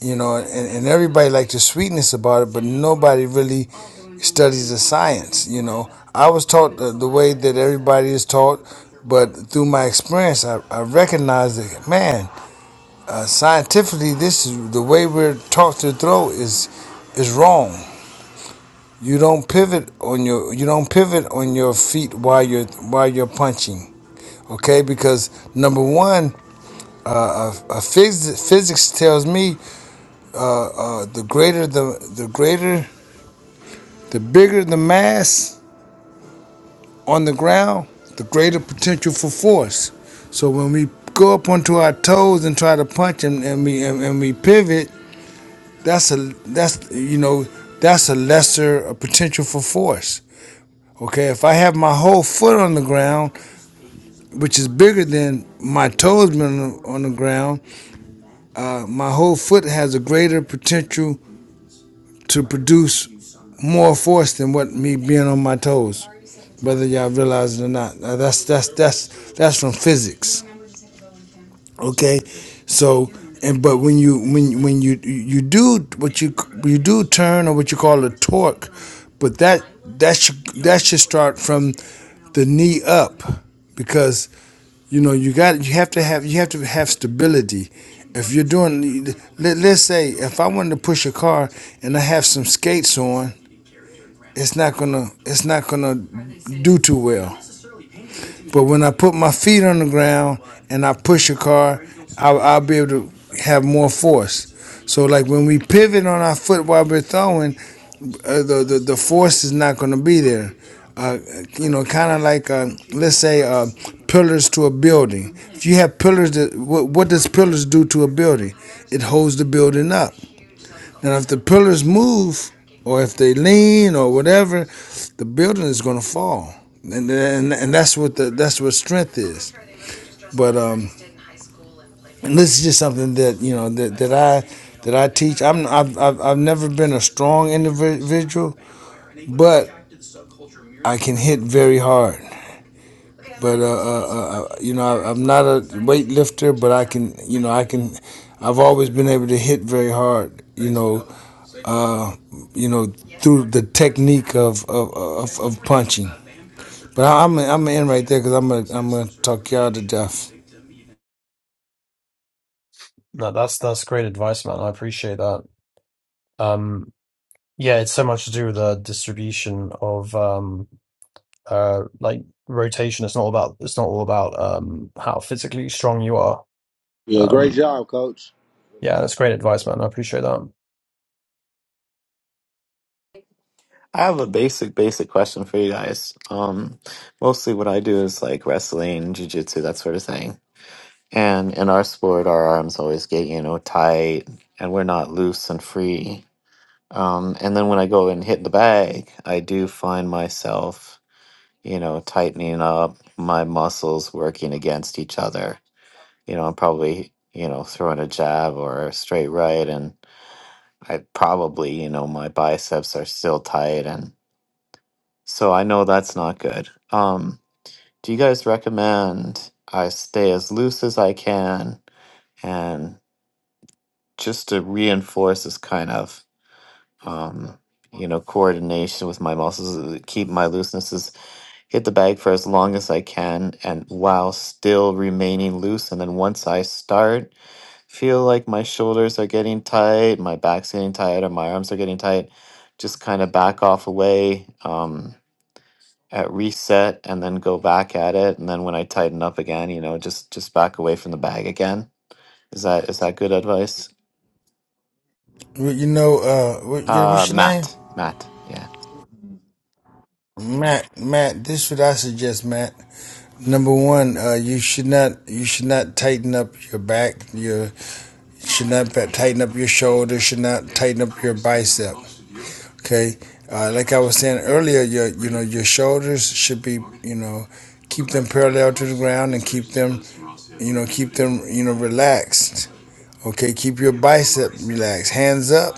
S2: You know, and, and everybody like the sweetness about it, but nobody really studies the science. You know, I was taught the, the way that everybody is taught, but through my experience, I, I recognize that man, uh, scientifically, this is the way we're taught to throw is is wrong. You don't pivot on your you don't pivot on your feet while you're while you're punching Okay, because number one, uh, uh, uh, phys- physics tells me uh, the greater the the greater the bigger the mass on the ground, the greater potential for force. So when we go up onto our toes and try to punch and, and we and, and we pivot, that's a that's you know that's a lesser uh, potential for force. Okay, if I have my whole foot on the ground, which is bigger than my toes been on the, on the ground, Uh, my whole foot has a greater potential to produce more force than what me being on my toes, whether y'all realize it or not. Now that's that's that's that's from physics. Okay, so and but when you when when you you do what you you do turn or what you call a torque, but that that should that should start from the knee up because you know, you got you have to have you have to have stability. If you're doing, let, let's say, if I wanted to push a car and I have some skates on, it's not gonna it's not gonna do too well. But when I put my feet on the ground and I push a car, I'll, I'll be able to have more force. So like when we pivot on our foot while we're throwing, uh, the, the the force is not going to be there. Uh, you know, kind of like uh, let's say uh, pillars to a building. If you have pillars, that what, what does pillars do to a building? It holds the building up. And if the pillars move, or if they lean, or whatever, the building is going to fall. And, and and that's what the that's what strength is. But um, and this is just something that you know that, that I that I teach. I'm I've, I've I've never been a strong individual, but I can hit very hard, but uh, uh, uh, uh, you know I, I'm not a weightlifter, but I can you know I can. I've always been able to hit very hard, you know, uh, you know through the technique of of, of, of punching. But I, I'm I'm gonna end right there because I'm gonna I'm gonna talk y'all to death.
S4: No, that's, that's great advice, man. I appreciate that. Um, yeah, it's so much to do with the distribution of, um, uh, like rotation. It's not about, it's not all about, um, how physically strong you are.
S1: Yeah, great
S4: Um,
S1: job, coach.
S4: yeah, that's great advice, man. I appreciate that.
S5: I have a basic, basic question for you guys. Um, mostly what I do is like wrestling, jujitsu, that sort of thing. And in our sport, our arms always get, you know, tight and we're not loose and free. Um, and then when I go and hit the bag, I do find myself, you know, tightening up my muscles working against each other. You know, I'm probably, you know, throwing a jab or a straight right. And I probably, you know, my biceps are still tight and So I know that's not good. Um, do you guys recommend I stay as loose as I can and just to reinforce this kind of um, you know coordination with my muscles, uh, keep my loosenesses, hit the bag for as long as I can, and while still remaining loose. And then once I start, feel like my shoulders are getting tight, my back's getting tight, or my arms are getting tight, just kind of back off away. Um, at reset and then go back at it and then when I tighten up again, you know, just just back away from the bag again. Is that is that good advice?
S2: You know, uh, what,
S5: Uh
S2: what's your name?
S5: Matt. Matt. Yeah.
S2: Matt. Matt. This is what I suggest, Matt. Number one, uh, you should not you should not tighten up your back, your should not tighten up your shoulders, should not tighten up your bicep. Okay, uh, like I was saying earlier, your you know your shoulders should be you know keep them parallel to the ground and keep them you know keep them you know relaxed. Okay, keep your bicep relaxed, hands up.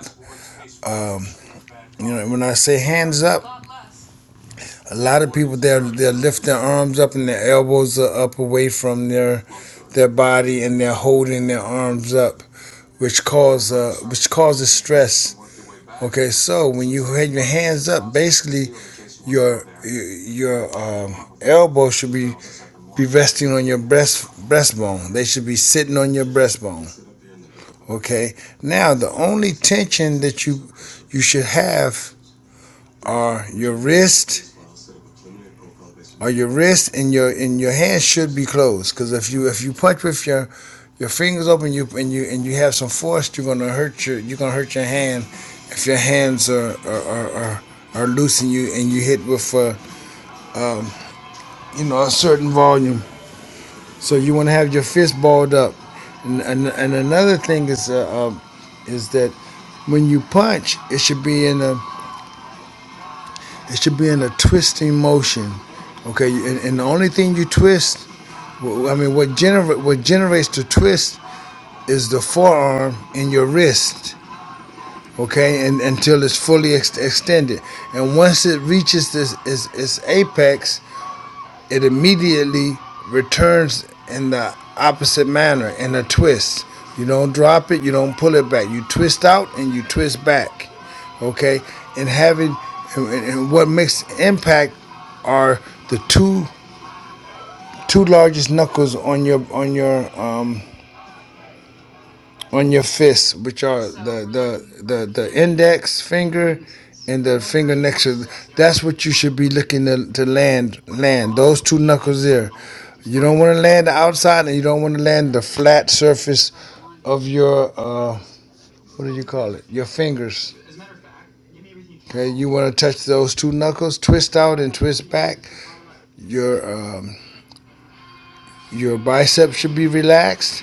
S2: You know, when I say hands up, a lot of people they'll they'll lift their arms up and their elbows are up away from their their body and they're holding their arms up, which cause uh, which causes stress Okay, so when you have your hands up, basically your your um, elbow should be, be resting on your breast breastbone. They should be sitting on your breastbone. Okay. Now the only tension that you you should have are your wrist or your wrist and your and your hands should be closed. Because if you if you punch with your your fingers open, you and you and you have some force, you're gonna hurt your you're gonna hurt your hand if your hands are are are, are, are loose and you and you hit with uh, you know a certain volume. So you want to have your fist balled up. And and, and another thing is uh, um, is that when you punch, it should be in a It should be in a twisting motion. Okay, and, and the only thing you twist, I mean, what generate what generates the twist is the forearm and your wrist. Okay, and until it's fully ex- extended, and once it reaches this its, its apex, it immediately returns in the opposite manner in a twist. You don't drop it, you don't pull it back. You twist out and you twist back. Okay? And having and, and what makes impact are the two two largest knuckles on your on your um on your fists, which are the the the, the index finger and the finger next to. That's what you should be looking to, to land land those two knuckles there. You don't want to land the outside, and you don't want to land the flat surface of your uh, what do you call it? Your fingers. Okay, you want to touch those two knuckles, twist out and twist back. Your um, your biceps should be relaxed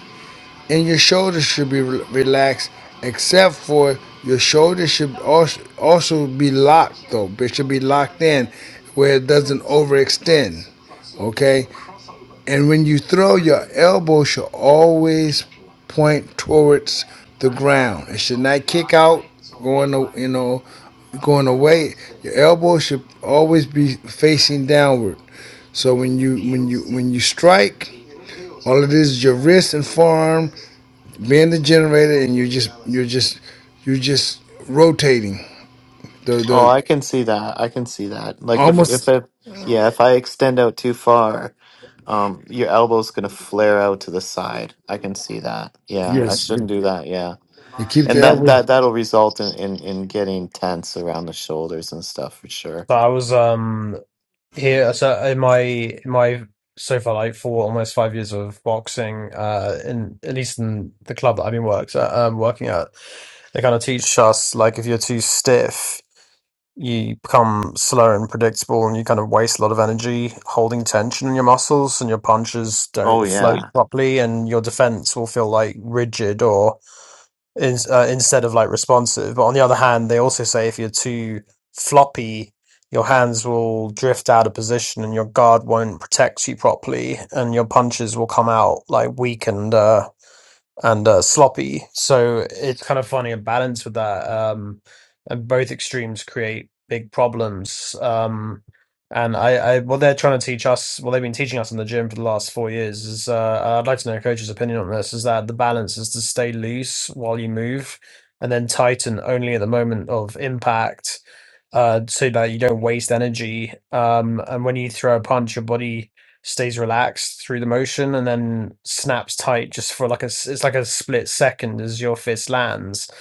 S2: and your shoulders should be re- relaxed, except for your shoulders should also also be locked though. It should be locked in where it doesn't overextend. Okay, and when you throw, your elbow should always point towards the ground. It should not kick out, going you know, going away. Your elbow should always be facing downward. So when you when you when you strike, all it is is your wrist and forearm being the generator and you're just you're just you're just rotating the
S5: Oh,
S2: the
S5: I can see that. I can see that. Like if if it yeah, if I extend out too far, um your elbow's going to flare out to the side. I can see that. Yeah, I shouldn't do that. Yeah.
S2: you keep
S5: And
S2: the
S5: that
S2: average
S5: that that'll result in in in getting tense around the shoulders and stuff for sure.
S4: So I was, um, Here, so in my in my so far like four almost five years of boxing, uh, in at least in the club that I've been works at, um, working at, they kind of teach us like if you're too stiff, you become slow and predictable, and you kind of waste a lot of energy holding tension in your muscles, and your punches
S5: Oh
S4: don't float
S5: yeah.
S4: properly, and your defense will feel like rigid or in, uh, instead of like responsive. But on the other hand, they also say if you're too floppy, your hands will drift out of position and your guard won't protect you properly, and your punches will come out like weak and uh, and uh, sloppy. So it's kind of finding a balance with that. Um, and both extremes create big problems. Um, and I, I, what they're trying to teach us, what they've been teaching us in the gym for the last four years is, uh, I'd like to know a coach's opinion on this, is that the balance is to stay loose while you move and then tighten only at the moment of impact. Uh, so that you don't waste energy. Um, and when you throw a punch, your body stays relaxed through the motion and then snaps tight just for like a s- it's like a split second as your fist lands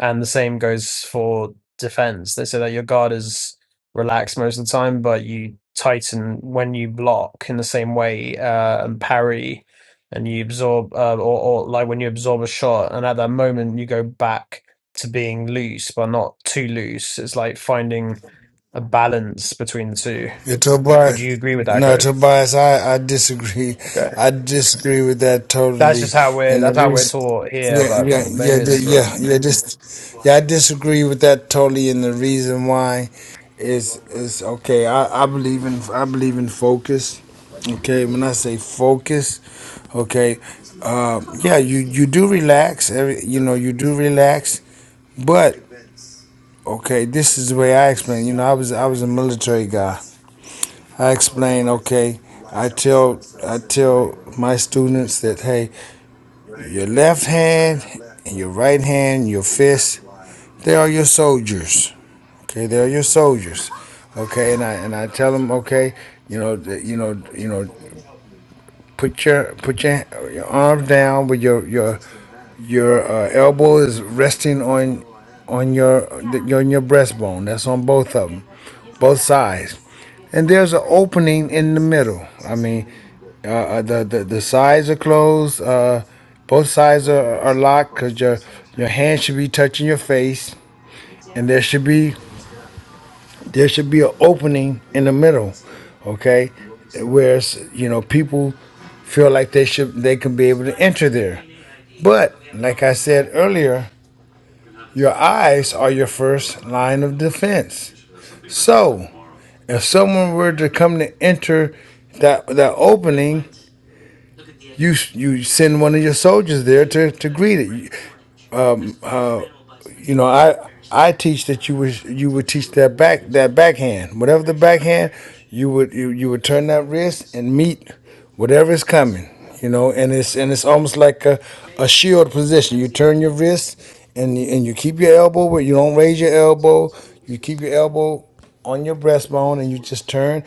S4: and the same goes for defense they say that your guard is relaxed most of the time but you tighten when you block in the same way uh, and parry and you absorb uh, or, or like when you absorb a shot and at that moment you go back to being loose but not too loose it's like finding a balance between the two
S2: Yeah,
S4: would you
S2: Tobias.
S4: agree with that
S2: No,
S4: coach
S2: Tobias, I, I disagree.
S4: okay
S2: I disagree with that
S4: That's
S2: totally.
S4: just how we're
S2: And the
S4: that's how we're
S2: reason,
S4: taught here,
S2: yeah,
S4: but
S2: yeah, yeah,
S4: maybe
S2: yeah,
S4: it's wrong.
S2: yeah, yeah, just, yeah, I disagree with that totally. And the reason why is, is okay. I, I believe in, I believe in focus. Okay, when I say focus, Okay. Um, yeah, you, you do relax. Every, you know, you do relax. But okay, this is the way I explain. You know, I was I was a military guy. I explain. Okay, I tell I tell my students that hey, your left hand and your right hand, your fist, they are your soldiers. Okay, they are your soldiers. Okay, and I and I tell them okay, you know, that, you know, you know. Put your put your, your arm down with your your your uh, elbow is resting on on your on your breastbone. That's on both of them, both sides. And there's an opening in the middle. I mean, uh, uh, the, the the sides are closed. Uh, both sides are, are locked because your your hand should be touching your face, and there should be there should be an opening in the middle, okay? where you know people feel like they should they can be able to enter there, but like I said earlier, your eyes are your first line of defense. So if someone were to come to enter that that opening, you you send one of your soldiers there to to greet it. Uh, you know, I I teach that you would you would teach that back that backhand, whatever the backhand, you would you, you would turn that wrist and meet whatever is coming, you know, and it's and it's almost like a, a shield position. You turn your wrist and you, and you keep your elbow, but you don't raise your elbow. You keep your elbow on your breastbone and you just turn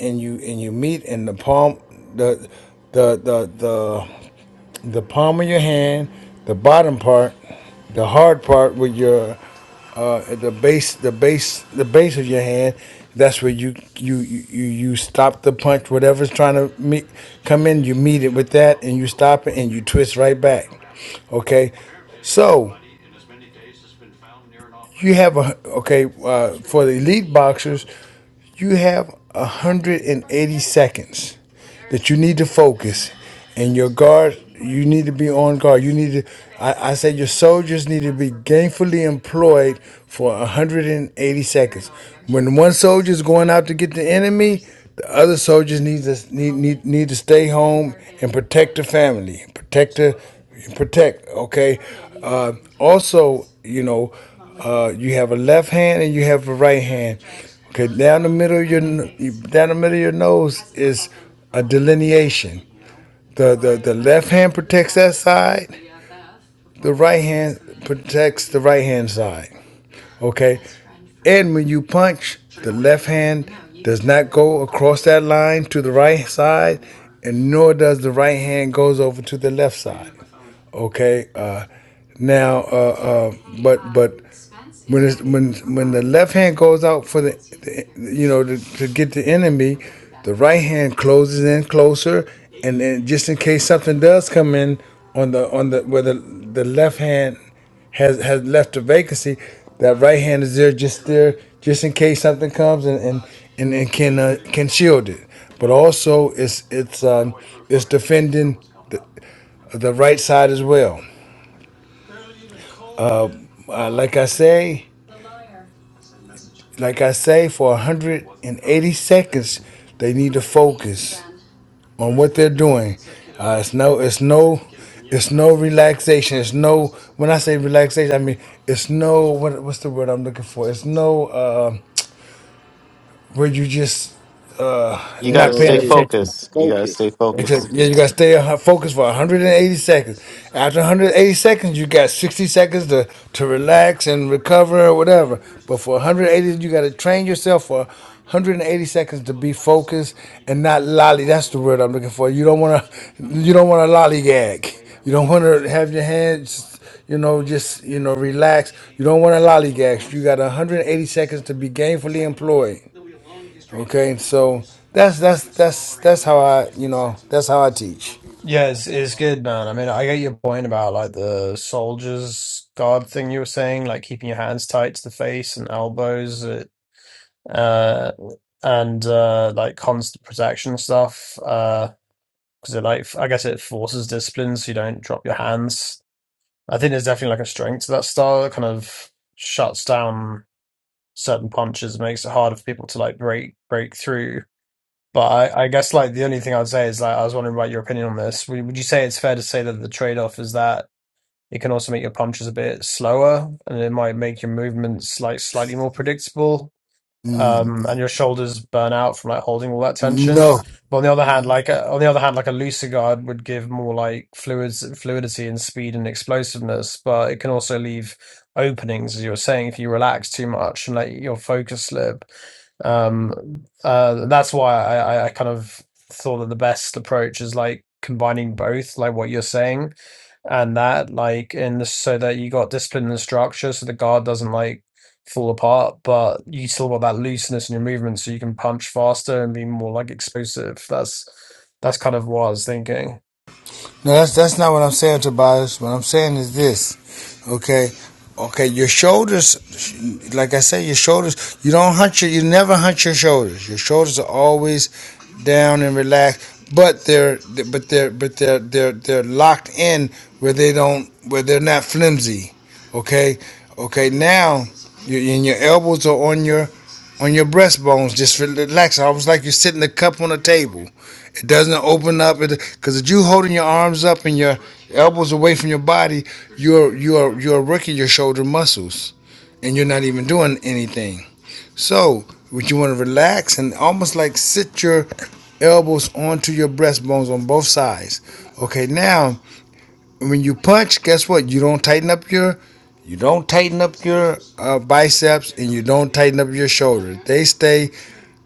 S2: and you and you meet in the palm the the the the the palm of your hand, the bottom part the hard part with your uh, the base, the base, the base of your hand. That's where you you you you stop the punch. Whatever's trying to meet, come in, you meet it with that, and you stop it, and you twist right back. Okay, so you have a okay uh, for the elite boxers. You have 180 seconds that you need to focus and your guard you need to be on guard you need to I, I say your soldiers need to be gainfully employed for 180 seconds when one soldier is going out to get the enemy the other soldiers need to need, need, need to stay home and protect the family protect the protect. Okay. Uh, also, you know, uh, you have a left hand and you have a right hand. Okay, down the middle of your n- down the middle of your nose is a delineation. The the the left hand protects that side. The right hand protects the right hand side. Okay. And when you punch, the left hand does not go across that line to the right side, and nor does the right hand goes over to the left side. Okay. Uh, now, uh, uh, but but when it's, when when the left hand goes out for the, the you know to, to get the enemy, the right hand closes in closer, and then just in case something does come in on the on the where the the left hand has has left a vacancy. That right hand is there just there, just in case something comes and and and, and can uh, can shield it. But also, it's it's um, it's defending the, the right side as well. Uh, like I say, like I say, for 180 seconds, they need to focus on what they're doing. Uh, it's no, it's no, it's no relaxation. It's no. When I say relaxation, I mean it's no. What, what's the word I'm looking for? It's no. Uh, where you just
S5: You
S1: No,
S5: got to
S2: not
S1: no,
S2: paying
S5: stay
S1: days off.
S2: attention.
S5: focused.
S2: Okay.
S5: You got to
S1: Focus.
S5: stay
S2: Except,
S5: focused.
S2: yeah, you gotta stay a hu- focused for 180 seconds. After 180 seconds, you got 60 seconds to, to relax and recover or whatever. But for 180, you gotta train yourself for 180 seconds to be focused and not lolly. That's the word I'm looking for. You don't wanna, you don't wanna lollygag. You don't wanna have your hands you know, just you know, relax. You don't want to lollygag. You got 180 seconds to be gainfully employed. Okay, so that's that's that's that's how I you know that's how I teach.
S4: Yeah, it's it's good, man. I mean, I get your point about like the soldiers guard thing you were saying, like keeping your hands tight to the face and elbows, uh, uh, and uh, like constant protection stuff. Uh, because it like I guess it forces discipline, so you don't drop your hands. I think there's definitely like a strength to that style that kind of shuts down certain punches, makes it harder for people to like break break through But I, I guess like the only thing I'd say is like I was wondering about your opinion on this. Would, would you say it's fair to say that the trade-off is that it can also make your punches a bit slower and it might make your movements like slightly more predictable?
S2: Mm,
S4: um, and your shoulders burn out from like holding all that tension.
S2: No,
S4: But on the other hand, Mm. like uh, on the other hand, like a looser guard would give more like fluids, fluidity and speed and explosiveness, but it can also leave openings, as you were saying, if you relax too much and let your focus slip. Um, uh, that's why I, I I kind of thought that the best approach is like combining both, like what you're saying and that like in the so that you got discipline and structure so the guard doesn't like fall apart, but you still want that looseness in your movement so you can punch faster and be more like explosive. That's that's kind of what I was thinking.
S2: no, that's that's not what I'm saying, Tobias. What I'm saying is this. Okay, okay, your shoulders, like I say, your shoulders. You don't hunch your. You never hunch your shoulders. Your shoulders are always down and relaxed, but they're but they're but they're they're they're locked in where they don't where they're not flimsy. Okay, okay, now. Your, and your elbows are on your on your breastbones. Just relax, almost like you're sitting a cup on a table. It doesn't open up, because if you holding your arms up and your elbows away from your body, you're you're you're working your shoulder muscles, and you're not even doing anything. So, would you want to relax and almost like sit your elbows onto your breastbones on both sides. Okay, now when you punch, guess what? You don't tighten up your you don't tighten up your uh, biceps and you don't tighten up your shoulder. They stay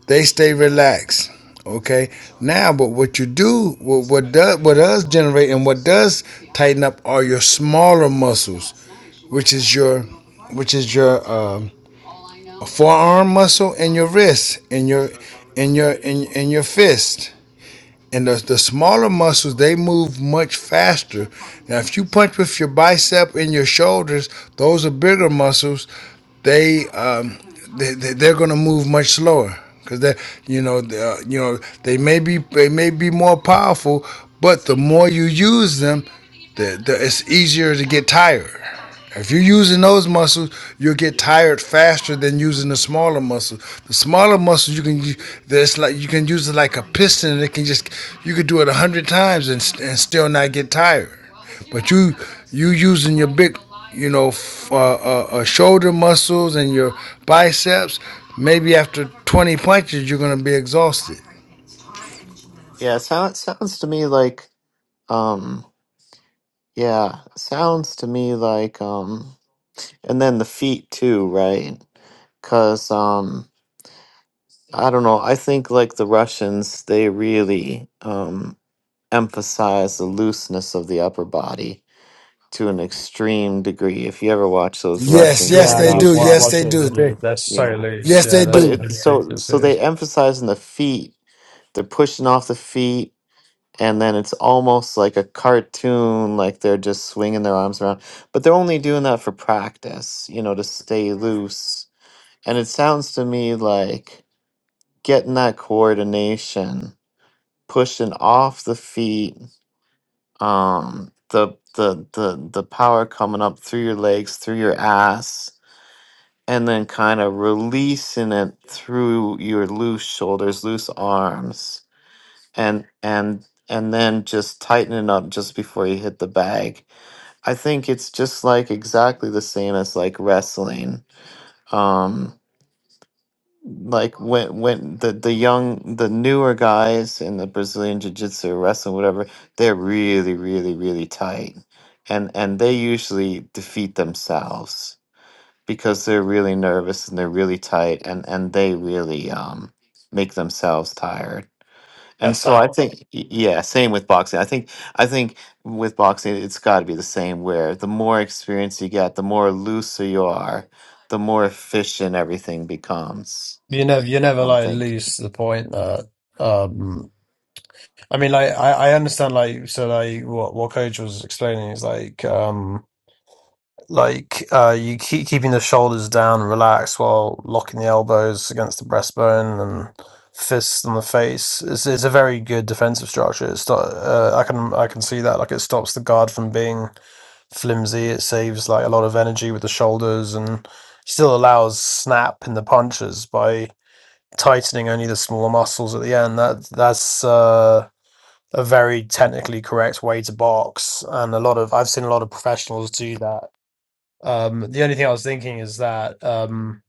S2: they stay relaxed. Okay. Now, but what you do, what, what does what does generate and what does tighten up are your smaller muscles, which is your, which is your um, forearm muscle and your wrist and your, and your and, and your fist. And the, the smaller muscles they move much faster. Now, if you punch with your bicep and your shoulders, those are bigger muscles they um, they, they- are going to move much slower because they you know they, uh, you know they may be they may be more powerful, but the more you use them, the, the it's easier to get tired. If you're using those muscles, you'll get tired faster than using the smaller muscles. The smaller muscles you can use, that's like you can use it like a piston, and it can just you could do it a hundred times and, st- and still not get tired. But you you using your big, you know, f- uh, uh, uh, shoulder muscles and your biceps. Maybe after 20 punches, you're gonna be exhausted.
S5: Yeah, it sound, sounds to me like um yeah, sounds to me like um and then the feet too, right? Cuz um I don't know, I think like the Russians they really um emphasize the looseness of the upper body to an extreme degree. If you ever watch those
S2: Yes,
S5: Russians
S2: yes,
S5: on
S4: Yeah,
S5: the
S4: and
S2: they
S4: I've
S2: do.
S4: wa-
S2: Yes,
S5: YouTube.
S4: watched
S2: they
S4: those
S2: do. They,
S4: videos. They're so
S5: Yeah.
S4: loose.
S2: yes,
S4: Yeah,
S2: they
S5: But
S4: that's
S2: do.
S5: it so
S4: ridiculous.
S5: so they emphasize in the feet, they're pushing off the feet and then it's almost like a cartoon like they're just swinging their arms around but they're only doing that for practice you know to stay loose and it sounds to me like getting that coordination pushing off the feet um the the the, the power coming up through your legs through your ass and then kind of releasing it through your loose shoulders loose arms and and and then just tighten it up just before you hit the bag. I think it's just like exactly the same as like wrestling. Um like when when the the young the newer guys in the Brazilian jiu-jitsu or wrestling whatever, they're really really really tight. And and they usually defeat themselves because they're really nervous and they're really tight and and they really um make themselves tired and
S4: That's
S5: so I
S4: out.
S5: think, y- yeah, same with boxing. I think, I think with boxing, it's got to be the same. Where the more experience you get, the more looser you are, the more efficient everything becomes.
S4: You never you never
S5: I'm
S4: like
S5: thinking.
S4: lose the point that um I mean like I, I understand like so like what what coach was explaining is like um Like uh, you keep keeping the shoulders down, relaxed while locking the elbows against the breastbone and fists on the face. It's, it's a very good defensive structure. It's not, uh, I can I can see that. Like it stops the guard from being flimsy. It saves like a lot of energy with the shoulders and still allows snap in the punches by tightening only the smaller muscles at the end. That that's uh, a very technically correct way to box, and a lot of I've seen a lot of professionals do that um, the only thing I was thinking is that um,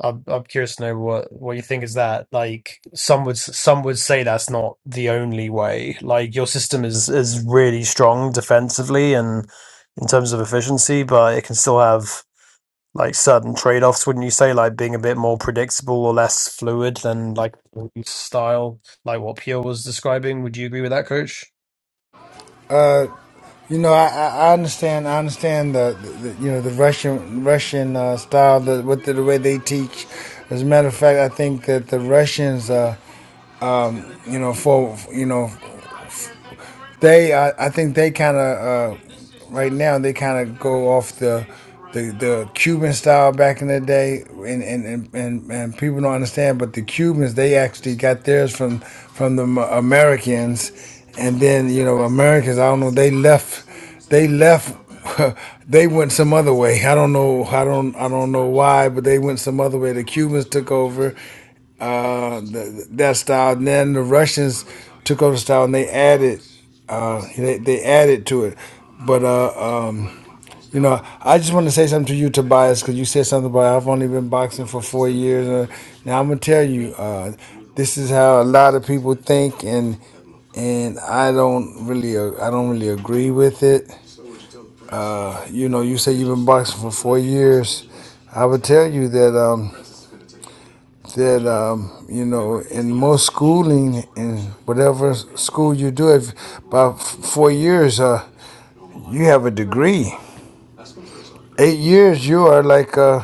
S4: I'm I'm curious to know what what you think is that like some would s- some would say that's not the only way. Like your system is is really strong defensively and in terms of efficiency, but it can still have like certain trade-offs, wouldn't you say? Like being a bit more predictable or less fluid than like style, like what Pierre was describing. Would you agree with that, Coach?
S2: You know, I, I I understand. I understand the, the, the, you know the Russian Russian uh, style, the, what the, the way they teach. As a matter of fact, I think that the Russians, uh, you know, for you know, They, uh, I think they kind of uh, right now they kind of go off the, the the Cuban style back in the day, and and, and, and and people don't understand. But the Cubans they actually got theirs from from the Americans, and then you know Americans I don't know they left they left <laughs> they went some other way i don't know i don't i don't know why but they went some other way the cubans took over uh, th- that style. And then the Russians took over the style and they added, uh, they, they added to it. But uh, um, you know, I just want to say something to you, Tobias, because you said something about I've only been boxing for four years. Uh, now I'm gonna tell you, uh, this is how a lot of people think, and and I don't really, uh, I don't really agree with it. Uh, you know, you say you've been boxing for four years. I would tell you that. Um, that um, you know in most schooling in whatever school you do if by f- four years uh, you have a degree eight years you are like uh,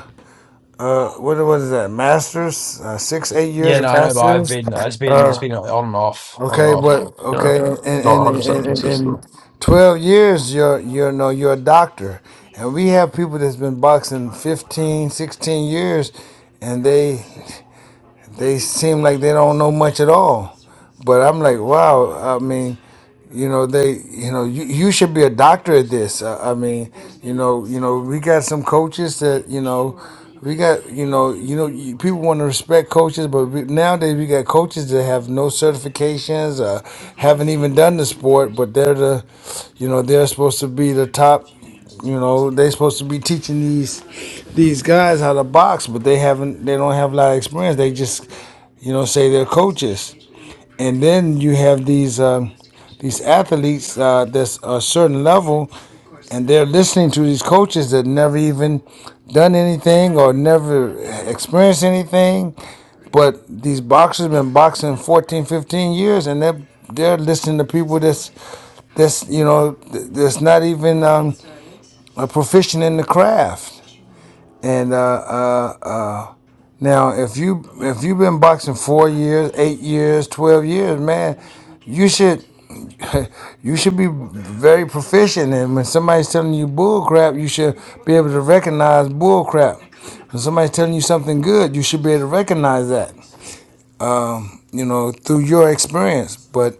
S2: what was that masters uh, six eight years
S4: Yeah, no,
S2: of
S4: I know, but I've
S2: masters
S4: been it's been it's
S2: uh,
S4: been on and off, on and
S2: okay
S4: off.
S2: but
S4: You know,
S2: okay and
S4: not
S2: and,
S4: 100 percent
S2: and, and,
S4: consistent.
S2: 12 years you're you know you're a doctor and we have people that's been boxing 15, 16 years and they they seem like they don't know much at all. But I'm like, wow. I mean, you know they you know you, you should be a doctor at this I, I mean you know you know we got some coaches that you know we got you know you know you- people want to respect coaches but we, nowadays we got coaches that have no certifications uh, haven't even done the sport but they're the you know they're supposed to be the top you know they're supposed to be teaching these these guys how to box but they haven't they don't have a lot of experience they just you know say they're coaches and then you have these um, these athletes uh, that's a certain level, and they're listening to these coaches that never even done anything or never experienced anything. But these boxers been boxing 14, 15 years, and they're they're listening to people that's that's you know th- that's not even um, a proficient in the craft. And uh, uh, now, if you if you've been boxing four years, eight years, twelve years, man, you should. You should be very proficient, and when somebody's telling you bull crap, you should be able to recognize bull crap. When somebody's telling you something good, you should be able to recognize that, you know, through your experience. But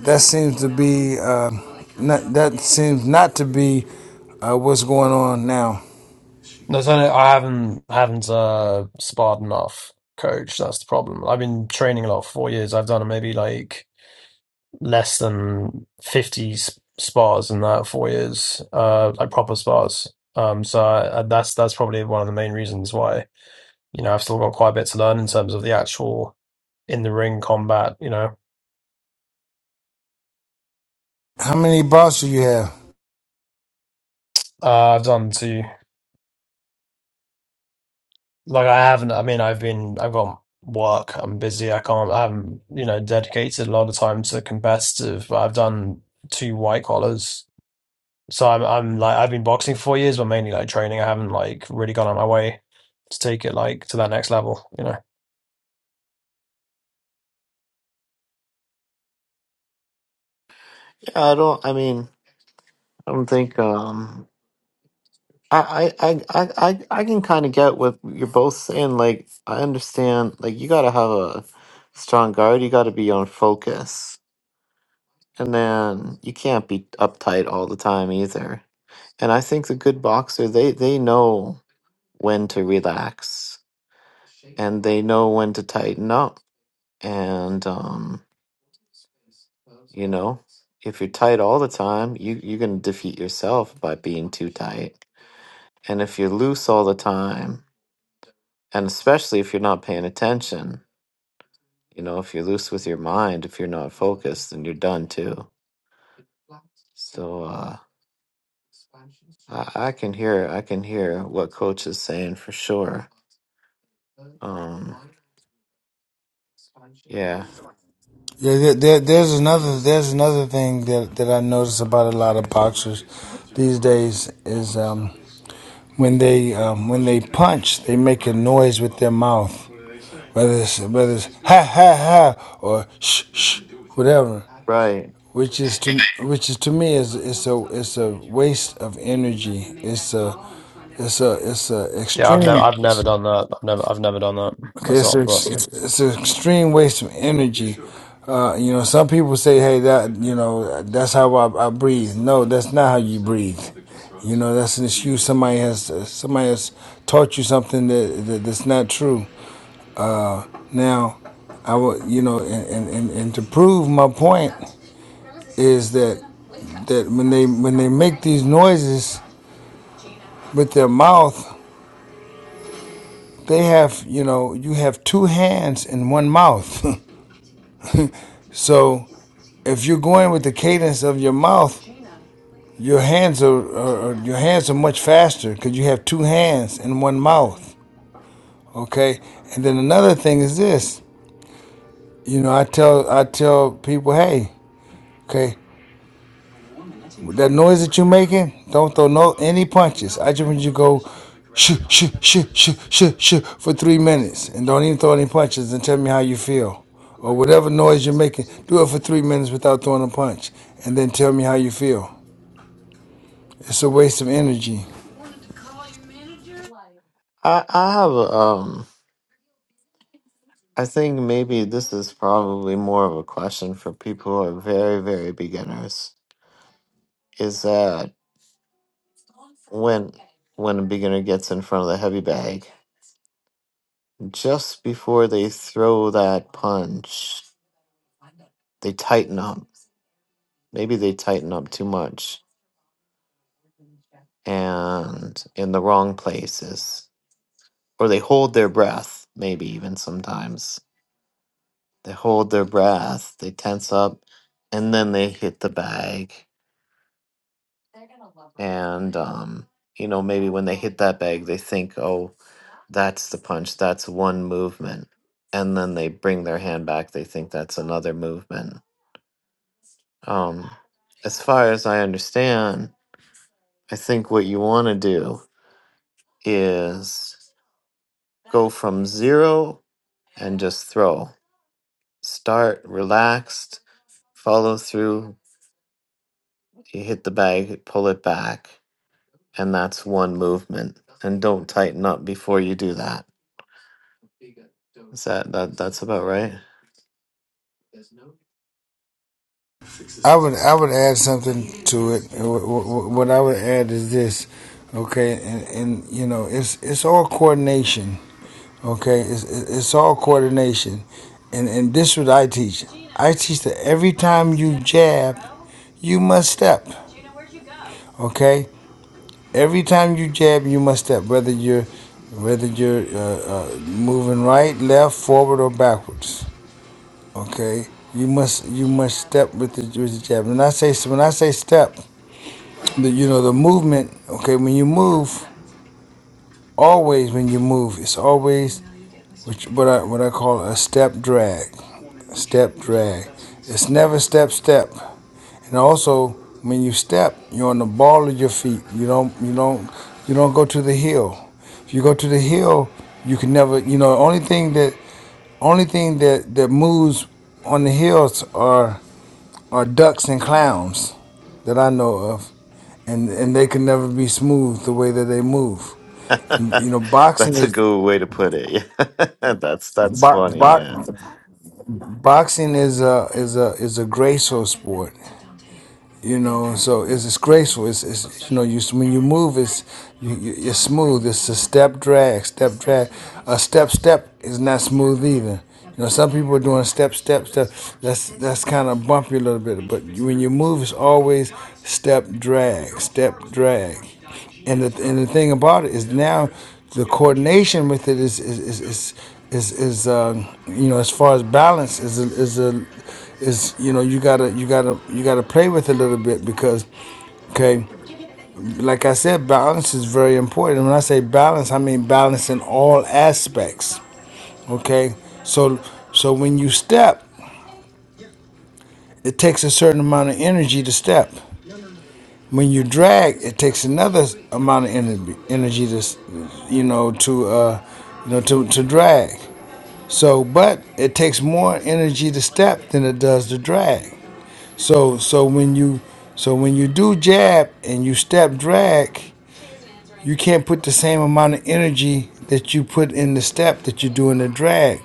S2: that seems to be uh, not, that seems not to be uh, what's going on now.
S4: There's only I haven't haven't uh sparred enough, coach. That's the problem. I've been training a lot for four years. I've done maybe like less than fifty s- spars in that four years, uh, like proper spars. Um, so I, that's that's probably one of the main reasons why you know I've still got quite a bit to learn in terms of the actual in the ring combat. You know,
S2: How many bars do you have?
S4: uh, I've done two. Like I haven't. I mean, I've been. I've got work. I'm busy. I can't. I haven't. You know, dedicated a lot of time to competitive. But I've done two white collars. So I'm. I'm like. I've been boxing for four years, but mainly like training. I haven't like really gone out of my way to take it like to that next level. You know.
S5: Yeah, I don't. I mean, I don't think. Um, I, I, I, I, I I can kind of get what you're both saying. Like, I understand. Like, you got to have a strong guard. You got to be on focus, and then you can't be uptight all the time either And I think the good boxer they they know when to relax and they know when to tighten up. And um, you know, if you're tight all the time, you you're gonna defeat yourself by being too tight. And if you're loose all the time, and especially if you're not paying attention, you know, if you're loose with your mind, if you're not focused, then you're done too. So uh I, I can hear I can hear what coach is saying for sure. Um, yeah,
S2: Yeah, there, there, there's another there's another thing that, that I notice about a lot of boxers these days is um, when they um, when they punch, they make a noise with their mouth, whether it's whether it's ha ha ha or shh shh, whatever.
S5: right.
S2: Which is to which is to me is it's a it's a waste of energy. It's a it's a it's a
S4: Yeah, I've never.
S2: extreme.
S4: I've never done that. I've never. I've never done that
S2: Cause it's
S4: myself.
S2: an
S4: personally.
S2: ex- it's an extreme waste of energy. Uh, you know, some people say, "Hey, that you know, that's how I, I breathe." No, that's not how you breathe. You know, that's an excuse somebody has somebody has taught you something that, that that's not true. Now, I would you know, and, and, and, and to prove my point is that that when they when they make these noises with their mouth, they have you know you have two hands and one mouth. <laughs> So if you're going with the cadence of your mouth, your hands are, are, your hands are much faster because you have two hands and one mouth. Okay. And then another thing is this. You know, I tell I tell people, hey, okay, that noise that you're making, don't throw no any punches. I just want you to go shh shh shh shh shh shh for three minutes and don't even throw any punches and tell me how you feel or whatever noise you're making. Do it for three minutes without throwing a punch and then tell me how you feel. it's a waste of energy.
S5: I I have a um. I think maybe this is probably more of a question for people who are very very beginners. Is that when when a beginner gets in front of the heavy bag, just before they throw that punch, they tighten up. Maybe they tighten up too much and in the wrong places, or they hold their breath. Maybe even sometimes. They hold their breath, they tense up, and then they hit the bag. And um, you know, maybe when they hit that bag, they think, "Oh, that's the punch. That's one movement." And then they bring their hand back. They think that's another movement. Um, as far as I understand, I think what you want to do is go from zero and just throw. Start relaxed, follow through. You hit the bag, pull it back and that's one movement. And don't tighten up before you do that. Is that that that's about right?
S2: I would I would add something to it. What I would add is this, okay? And, and you know, it's it's all coordination, okay? It's it's all coordination, and and this is what I teach. I teach that every time you jab, you must step, okay? Every time you jab, you must step. Whether you're whether you're uh, uh, moving right, left, forward, or backwards, Okay, you must you must step with the with the jab. And I say when I say step, the you know the movement. Okay, when you move, always when you move, it's always what, you- what I what I call a step drag, step drag. It's never step step. And also when you step, you're on the ball of your feet. You don't you don't you don't go to the heel. If you go to the hill, you can never. You know, only thing that only thing that that moves on the hills are are ducks and clowns that I know of, and and they can never be smooth the way that they move. And
S5: <laughs>
S2: you know, boxing
S5: that's a
S2: is
S5: good way to put it. Yeah. <laughs> that's that's
S2: bo-
S5: funny, yeah.
S2: bo- boxing is a is a is a graceful sport. you know so it's, it's graceful it's, it's you know you when you move it's you, you, it's smooth it's a step drag step drag a step step is not smooth either you know some people are doing step step step that's that's kind of bumpy a little bit but when you move it's always step drag step drag and the and the thing about it is now the coordination with it is is is is is, is um, you know as far as balance is a, is a is you know you gotta you gotta you gotta play with it a little bit because okay like I said balance is very important. And when I say balance, I mean balance in all aspects. Okay, so so when you step, it takes a certain amount of energy to step. When you drag, it takes another amount of energy, energy to, you know, to, uh, you know, to, to drag. So, but it takes more energy to step than it does to drag. So, so when you, so when you do jab and you step drag, you can't put the same amount of energy that you put in the step that you do in the drag,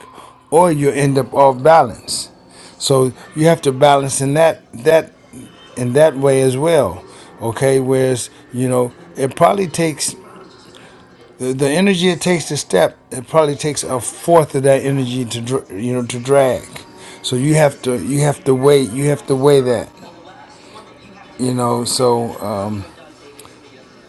S2: or you end up off balance. So you have to balance in that that in that way as well. Okay, whereas you know it probably takes the, the energy it takes to step. It probably takes a fourth of that energy to dr- you know to drag. So you have to you have to weigh you have to weigh that. You know. So um,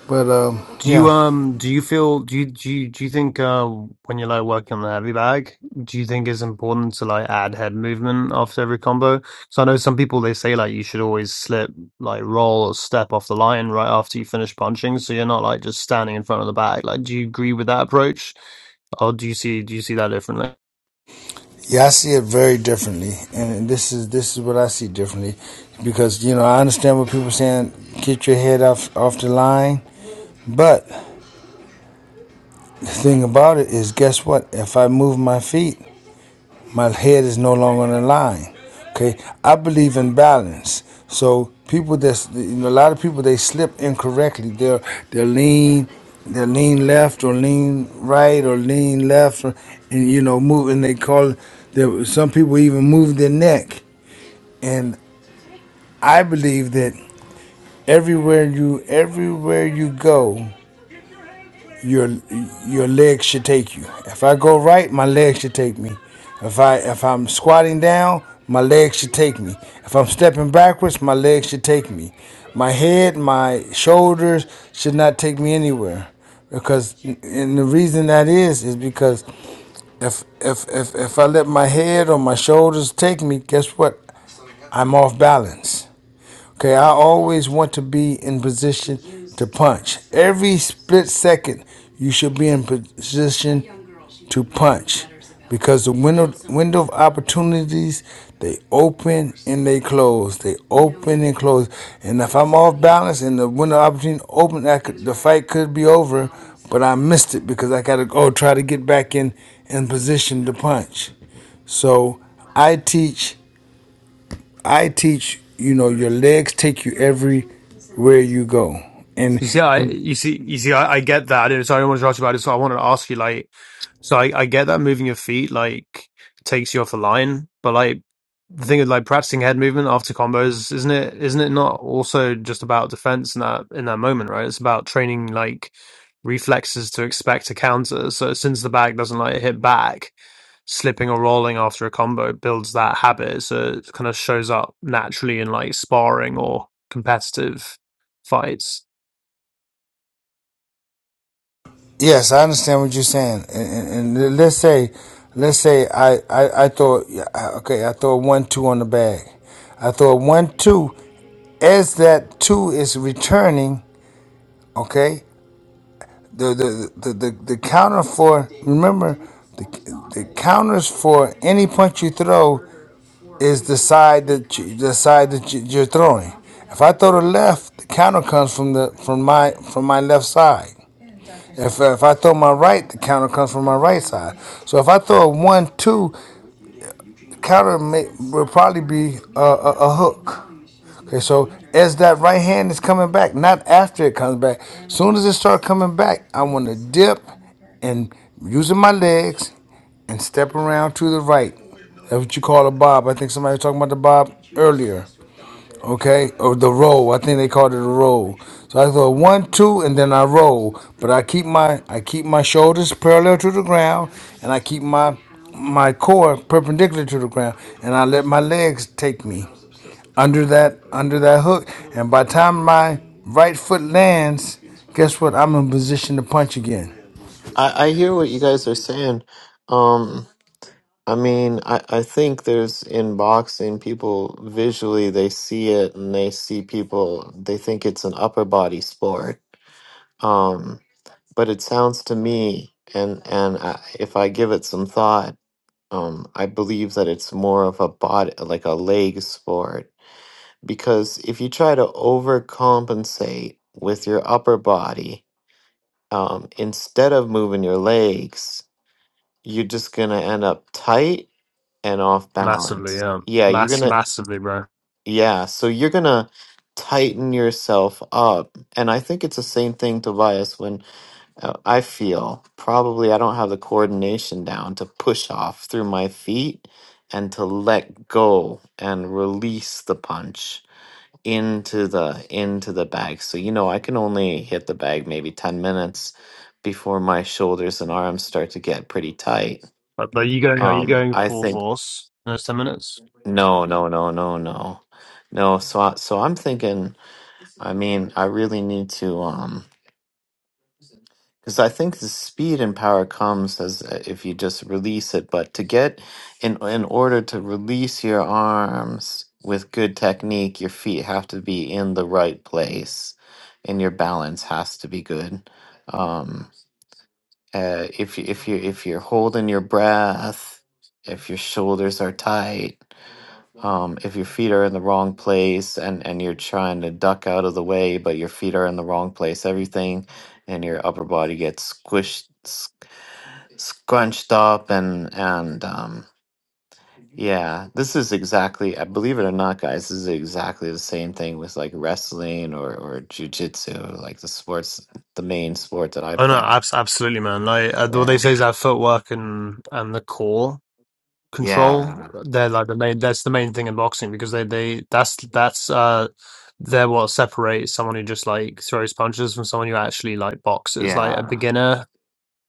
S2: but um,
S4: Do you
S2: yeah.
S4: um do you feel do you do you, do you think uh when you're like working on the heavy bag, do you think it's important to like add head movement after every combo? So I know some people they say like you should always slip like roll or step off the line right after you finish punching, so you're not like just standing in front of the bag. Like, do you agree with that approach, or do you see do you see that differently?
S2: Yeah, I see it very differently, and this is this is what I see differently, because you know I understand what people are saying. Get your head off off the line, but the thing about it is, guess what? If I move my feet, my head is no longer on the line. Okay, I believe in balance. So people that's you know, a lot of people they slip incorrectly. They're they're lean, they're lean left or lean right or lean left, or, and you know move and they call. There, some people even move their neck, and I believe that everywhere you everywhere you go. your your legs should take you. If I go right, my legs should take me. If I if I'm squatting down, my legs should take me. If I'm stepping backwards, my legs should take me. My head, my shoulders should not take me anywhere. Because and the reason that is is because if if if if I let my head or my shoulders take me, guess what? I'm off balance. Okay, I always want to be in position to punch. Every split second, you should be in position to punch because the window window of opportunities they open and they close. They open and close. And if I'm off balance and the window of opportunity open, I could, the fight could be over, but I missed it because I got to go try to get back in in position to punch. So I teach. I teach, you know, your legs take you everywhere you go. And
S4: You see, I you see you see I, I get that, and so I don't almost asked you about it. So I wanted to ask you, like, so I, I get that moving your feet like takes you off the line, but like the thing is, like practicing head movement after combos, isn't it? Isn't it not also just about defense in that in that moment, right? It's about training like reflexes to expect a counter. So since the back doesn't like hit back, slipping or rolling after a combo builds that habit, so it kind of shows up naturally in like sparring or competitive fights.
S2: yes, I understand what you're saying. And, and, and let's say, let's say I, I, I throw, yeah, okay, I throw a one, two on the bag. I throw a one, two. As that two is returning, okay, the, the, the, the, the counter for, remember, the, the counters for any punch you throw is the side that you, the side that you, you're throwing. If I throw to the left, the counter comes from the from my from my left side. If if I throw my right, the counter comes from my right side. So if I throw a one two, the counter may, will probably be a, a, a hook. Okay, so as that right hand is coming back, not after it comes back. Soon as it start coming back, I want to dip and using my legs and step around to the right. That's what you call a bob. I think somebody was talking about the bob earlier. Okay, or the roll. I think they called it a roll. So I go one, two, and then I roll. But I keep my I keep my shoulders parallel to the ground, and I keep my my core perpendicular to the ground, and I let my legs take me under that under that hook. And by the time my right foot lands, guess what? I'm in position to punch again.
S5: I, I hear what you guys are saying. Um I mean I, I think there's in boxing people visually they see it and they see people they think it's an upper body sport. Um but it sounds to me and and I, if I give it some thought Um, I believe that it's more of a body, like a leg sport, because if you try to overcompensate with your upper body, um, instead of moving your legs, you're just gonna end up tight and off
S4: Massively,
S5: balance.
S4: yeah.
S5: Yeah, you're
S4: Mass
S5: gonna,
S4: massively, bro.
S5: yeah, so you're gonna tighten yourself up. And I think it's the same thing, Tobias, when Uh, I feel probably I don't have the coordination down to push off through my feet and to let go and release the punch into the into the bag. So you know, I can only hit the bag maybe 10 minutes before my shoulders and arms start to get pretty tight.
S4: But are you going are you
S5: Um
S4: going
S5: I
S4: full
S5: think
S4: force in those ten minutes?
S5: no, no, no, no, no. No, so I, so I'm thinking I mean, I really need to. Um, Because I think the speed and power comes as uh, if you just release it, but to get in in order to release your arms with good technique, your feet have to be in the right place, and your balance has to be good. Um, uh, if you if you if you're holding your breath, if your shoulders are tight, um, if your feet are in the wrong place and and you're trying to duck out of the way, but your feet are in the wrong place, everything in your upper body gets squished, s- scrunched up, and and um, yeah, this is exactly. I believe it or not, guys, this is exactly the same thing with like wrestling or or jujitsu, like the sports, the main sport that I
S4: Oh no,
S5: play.
S4: abs- absolutely, man. Like uh, what they
S5: Yeah,
S4: say is that footwork and and the core control.
S5: yeah.
S4: They're like the main. That's the main thing in boxing because they they that's that's uh they're what separates someone who just like throws punches from someone who actually like boxes. Like a
S5: Yeah.
S4: beginner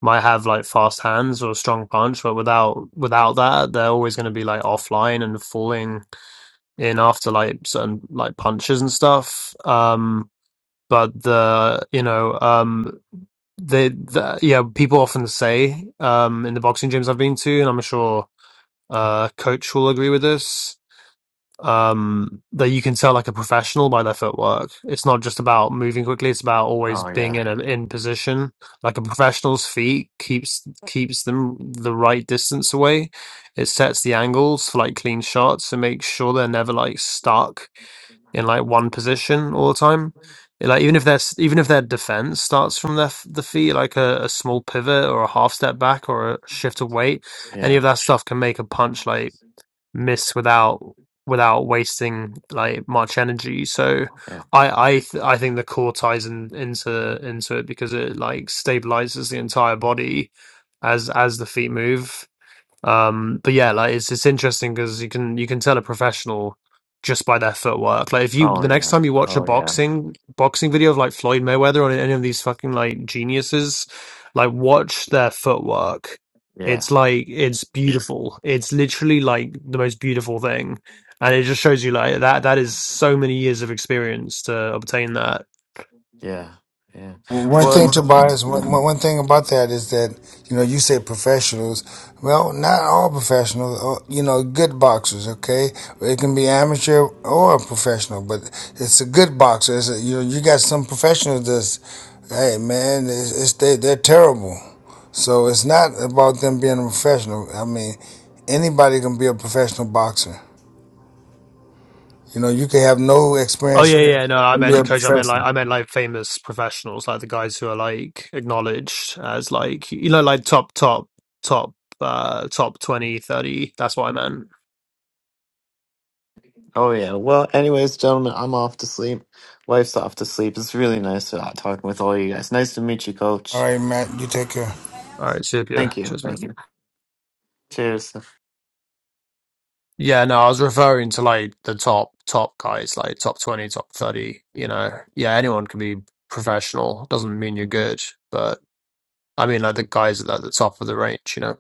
S4: might have like fast hands or a strong punch, but without without that, they're always going to be like offline and falling in after like certain like punches and stuff. Um, but the you know um they the, yeah people often say um in the boxing gyms I've been to, and I'm sure uh coach will agree with this um, that you can tell like a professional by their footwork. It's not just about moving quickly; it's about always
S5: Oh
S4: being
S5: yeah.
S4: in a, in position. Like a professional's feet keeps keeps them the right distance away. It sets the angles for like clean shots and makes sure they're never like stuck in like one position all the time. Like even if their s- even if their defense starts from their f- the feet, like a, a small pivot or a half step back or a shift of weight, any
S5: Yeah.
S4: of that stuff can make a punch like miss without without wasting like much energy. So
S5: Yeah.
S4: I I th- I think the core ties in, into into it because it like stabilizes the entire body as as the feet move. Um, but yeah, like it's it's interesting because you can you can tell a professional just by their footwork. Like if you
S5: Oh
S4: the next
S5: yeah.
S4: time you watch a
S5: Oh yeah.
S4: boxing boxing video of like Floyd Mayweather or any of these fucking like geniuses, like watch their footwork.
S5: Yeah.
S4: It's like it's beautiful. It's literally like the most beautiful thing. And it just shows you like that that is so many years of experience to obtain that
S5: Yeah. Yeah.
S2: One thing,
S5: What? Yeah.
S2: Tobias, one one thing about that is that, you know, you say professionals. Well, not all professionals, uh, you know, good boxers, okay? It can be amateur or a professional, but it's a good boxer. It's a, you know, you got some professionals that's, hey, man, it's, it's they, they're terrible. So it's not about them being a professional. I mean, anybody can be a professional boxer. You know, you can have no
S4: Oh
S2: experience.
S4: yeah, yeah. No, I meant coach. I meant like I meant like famous professionals, like the guys who are like acknowledged as like you know like top top top uh top 20, 30. That's what I meant.
S5: Oh yeah. Well, anyways, gentlemen, I'm off to sleep. Wife's off to sleep. It's really nice to, uh, talking with all you guys. Nice to meet you,
S2: All
S5: Coach.
S2: right, Matt, you take care.
S4: All right, super.
S5: Thank you.
S4: Cheers, mate.
S5: Thank you. Cheers.
S4: Yeah, no, I was referring to like the top top guys, like top twenty, top thirty. You know, yeah, anyone can be professional. Doesn't mean you're good, but I mean like the guys at the top of the range. You know.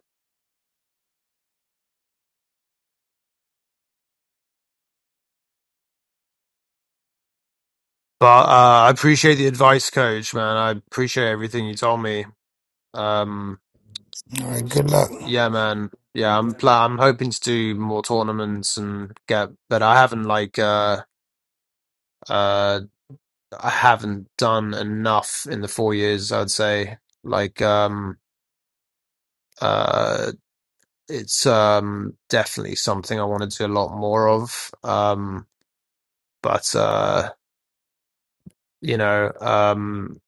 S4: But uh, I appreciate the advice, coach. Man, I appreciate everything you told me. Um,
S2: All right, good luck. All
S4: Yeah, man. Yeah, I'm pl- I'm hoping to do more tournaments and get, but I haven't like uh uh I haven't done enough in the four years, I'd say. Like um uh it's um definitely something I want to do a lot more of. Um but uh you know, um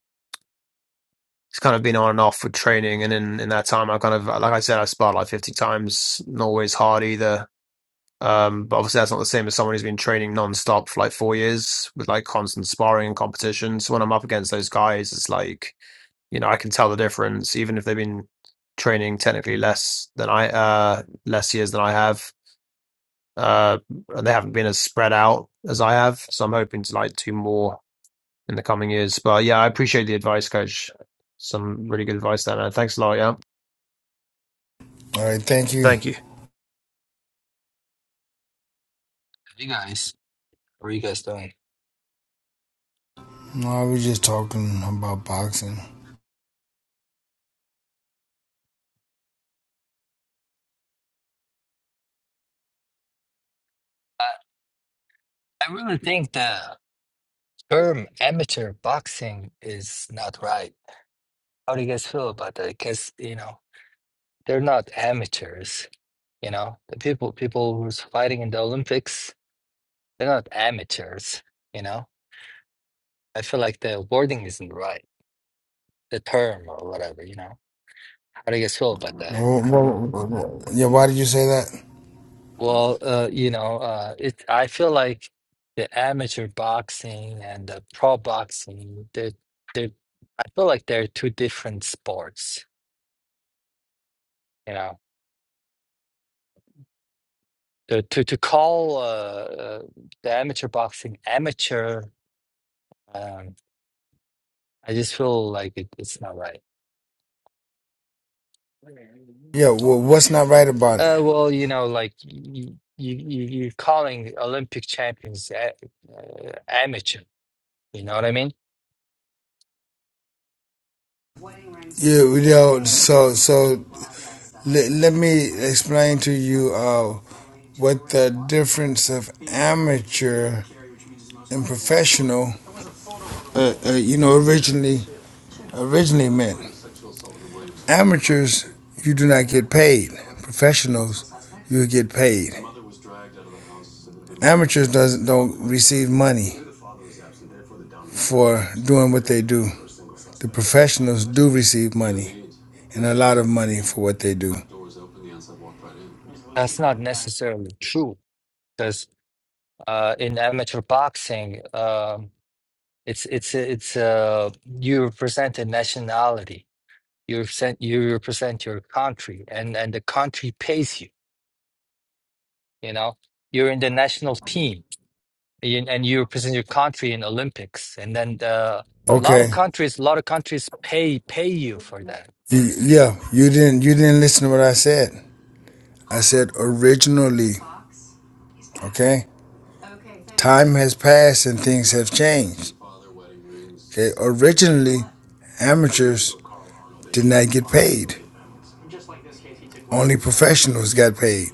S4: it's kind of been on and off with training and in in that time I kind of like I said I sparred like 50 times, not always hard either Um, but obviously that's not the same as someone who's been training non-stop for like four years with like constant sparring and competition. So when I'm up against those guys, it's like, you know, I can tell the difference, even if they've been training technically less than I uh less years than I have. Uh and they haven't been as spread out as I have. So I'm hoping to like do more in the coming years. But yeah, I appreciate the advice, coach. Some really good advice there, man. Thanks a lot, yeah.
S2: right, thank you.
S4: Thank you.
S6: Hey guys, how are you guys doing?
S2: No, I was just talking about boxing.
S6: I, I really think the term amateur boxing is not right. How do you guys feel about that? Because, you know, they're not amateurs, you know. The people people who's fighting in the Olympics, they're not amateurs, you know. I feel like the wording isn't right, the term or whatever, you know. How do you guys feel about that?
S2: Well, well, well, yeah, why did you say that?
S6: Well, uh, you know, uh, it. I feel like the amateur boxing and the pro boxing, they're, they're, I feel like they're two different sports. You know, the, to to call uh, uh, the amateur boxing amateur, um, I just feel like it, it's not right.
S2: Yeah, well, what's not right about it?
S6: Uh, well, you know, like you you you you're calling Olympic champions a, uh, amateur. You know what I mean?
S2: Yeah, you know, so so let, let me explain to you uh, what the difference of amateur and professional. Uh, uh, you know, originally originally meant amateurs. You do not get paid. Professionals, you get paid. Amateurs doesn't don't receive money for doing what they do. The professionals do receive money and a lot of money for what they do.
S6: That's not necessarily true. because uh, in amateur boxing, um, it's it's it's uh, you represent a nationality. You represent you represent your country, and and the country pays you. You know, you're in the national team, and and you represent your country in Olympics, and then uh, a lot of
S2: Okay.
S6: countries, a lot of countries pay pay you for that.
S2: You, yeah, you didn't you didn't listen to what I said. I said originally, okay? Time has passed and things have changed. Okay? Originally, amateurs did not get paid. Only professionals got paid.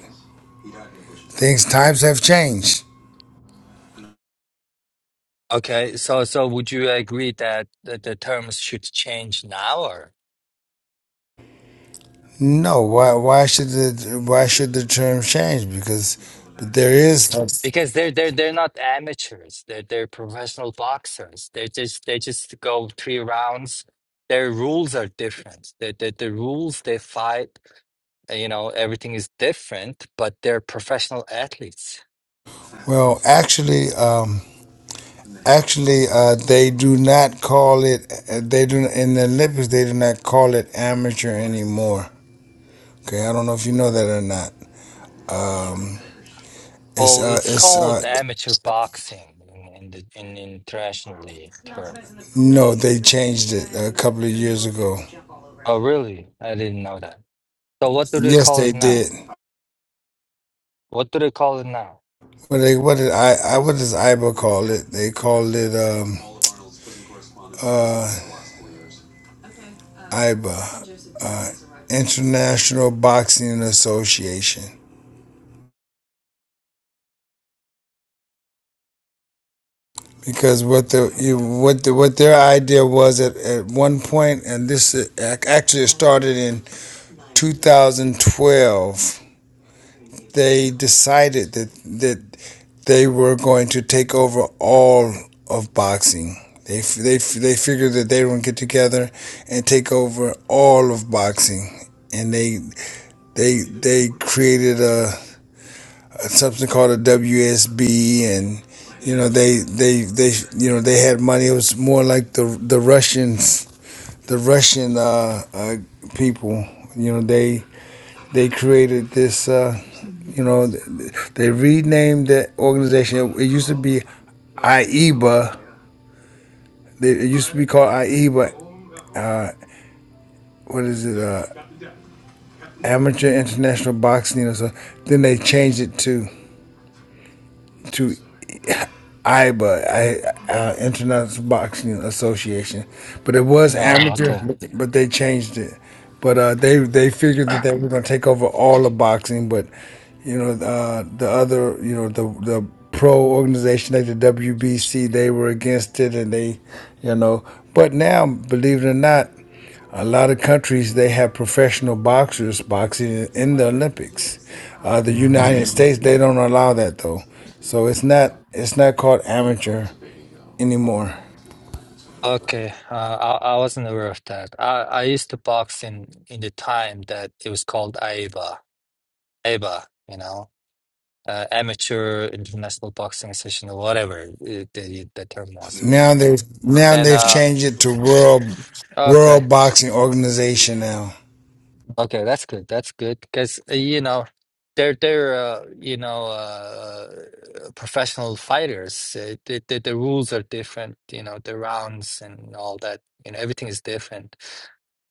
S2: Things times have changed.
S6: Okay, so so would you agree that the, the terms should change now, or?
S2: No, why why should the why should the term change? Because there is
S6: Because they're they're they're not amateurs. They're they're professional boxers. They just they just go three rounds. Their rules are different. The the, the rules they fight, uh, you know, everything is different, but they're professional athletes.
S2: well, actually, um, Actually, uh, they do not call it. uh, They do in the Olympics. They do not call it amateur anymore. Okay, I don't know if you know that or not. It's
S6: Well,
S2: uh,
S6: it's
S2: it's uh,
S6: called amateur boxing in, in the in internationally term.
S2: no, they changed it a couple of years ago.
S6: Oh, really? I didn't know that. So what do they
S2: Yes,
S6: call
S2: they
S6: it now?
S2: did.
S6: What do they call it now?
S2: What they what did I, I what does IBA call it? They called it um uh IBA International Boxing Association because what the you, what the, what their idea was at, at one point, and this uh, ac- actually started in. 2012, they decided that that they were going to take over all of boxing. They they they figured that they were going to get together and take over all of boxing, and they they they created a, a something called a WSB, and you know they they they you know they had money. It was more like the the Russians, the Russian uh, uh, people. You know they they created this, uh, you know, they renamed the organization. It used to be AIBA. They- It used to be called AIBA. What is it? Uh, Amateur International Boxing. Or so. Then they changed it to to IBA, uh, International Boxing Association, but it was
S6: Oh,
S2: amateur,
S6: okay.
S2: but but they changed it. But uh, they they figured
S6: <coughs>
S2: that they were going to take over all of boxing, but you know uh, the other you know the the pro organization like the WBC they were against it, and they you know. But now, believe it or not. A lot of countries they have professional boxers boxing in the Olympics. Uh,
S6: <clears throat>
S2: the
S6: hmm
S2: United States they don't allow that though, so it's not it's not called amateur anymore.
S6: Okay, uh, I, I wasn't aware of that. I, I used to box in in the time that it was called AIBA, AIBA, you know, uh, Amateur International Boxing Association or whatever it, the the term was.
S2: Now they have now
S6: And
S2: they've
S6: uh,
S2: changed it to world
S6: okay,
S2: world boxing organization now.
S6: okay, that's good. That's good because uh, you know, they're they're uh, you know uh, professional fighters. Uh, the, the the rules are different. You know, the rounds and all that. You know, everything is different.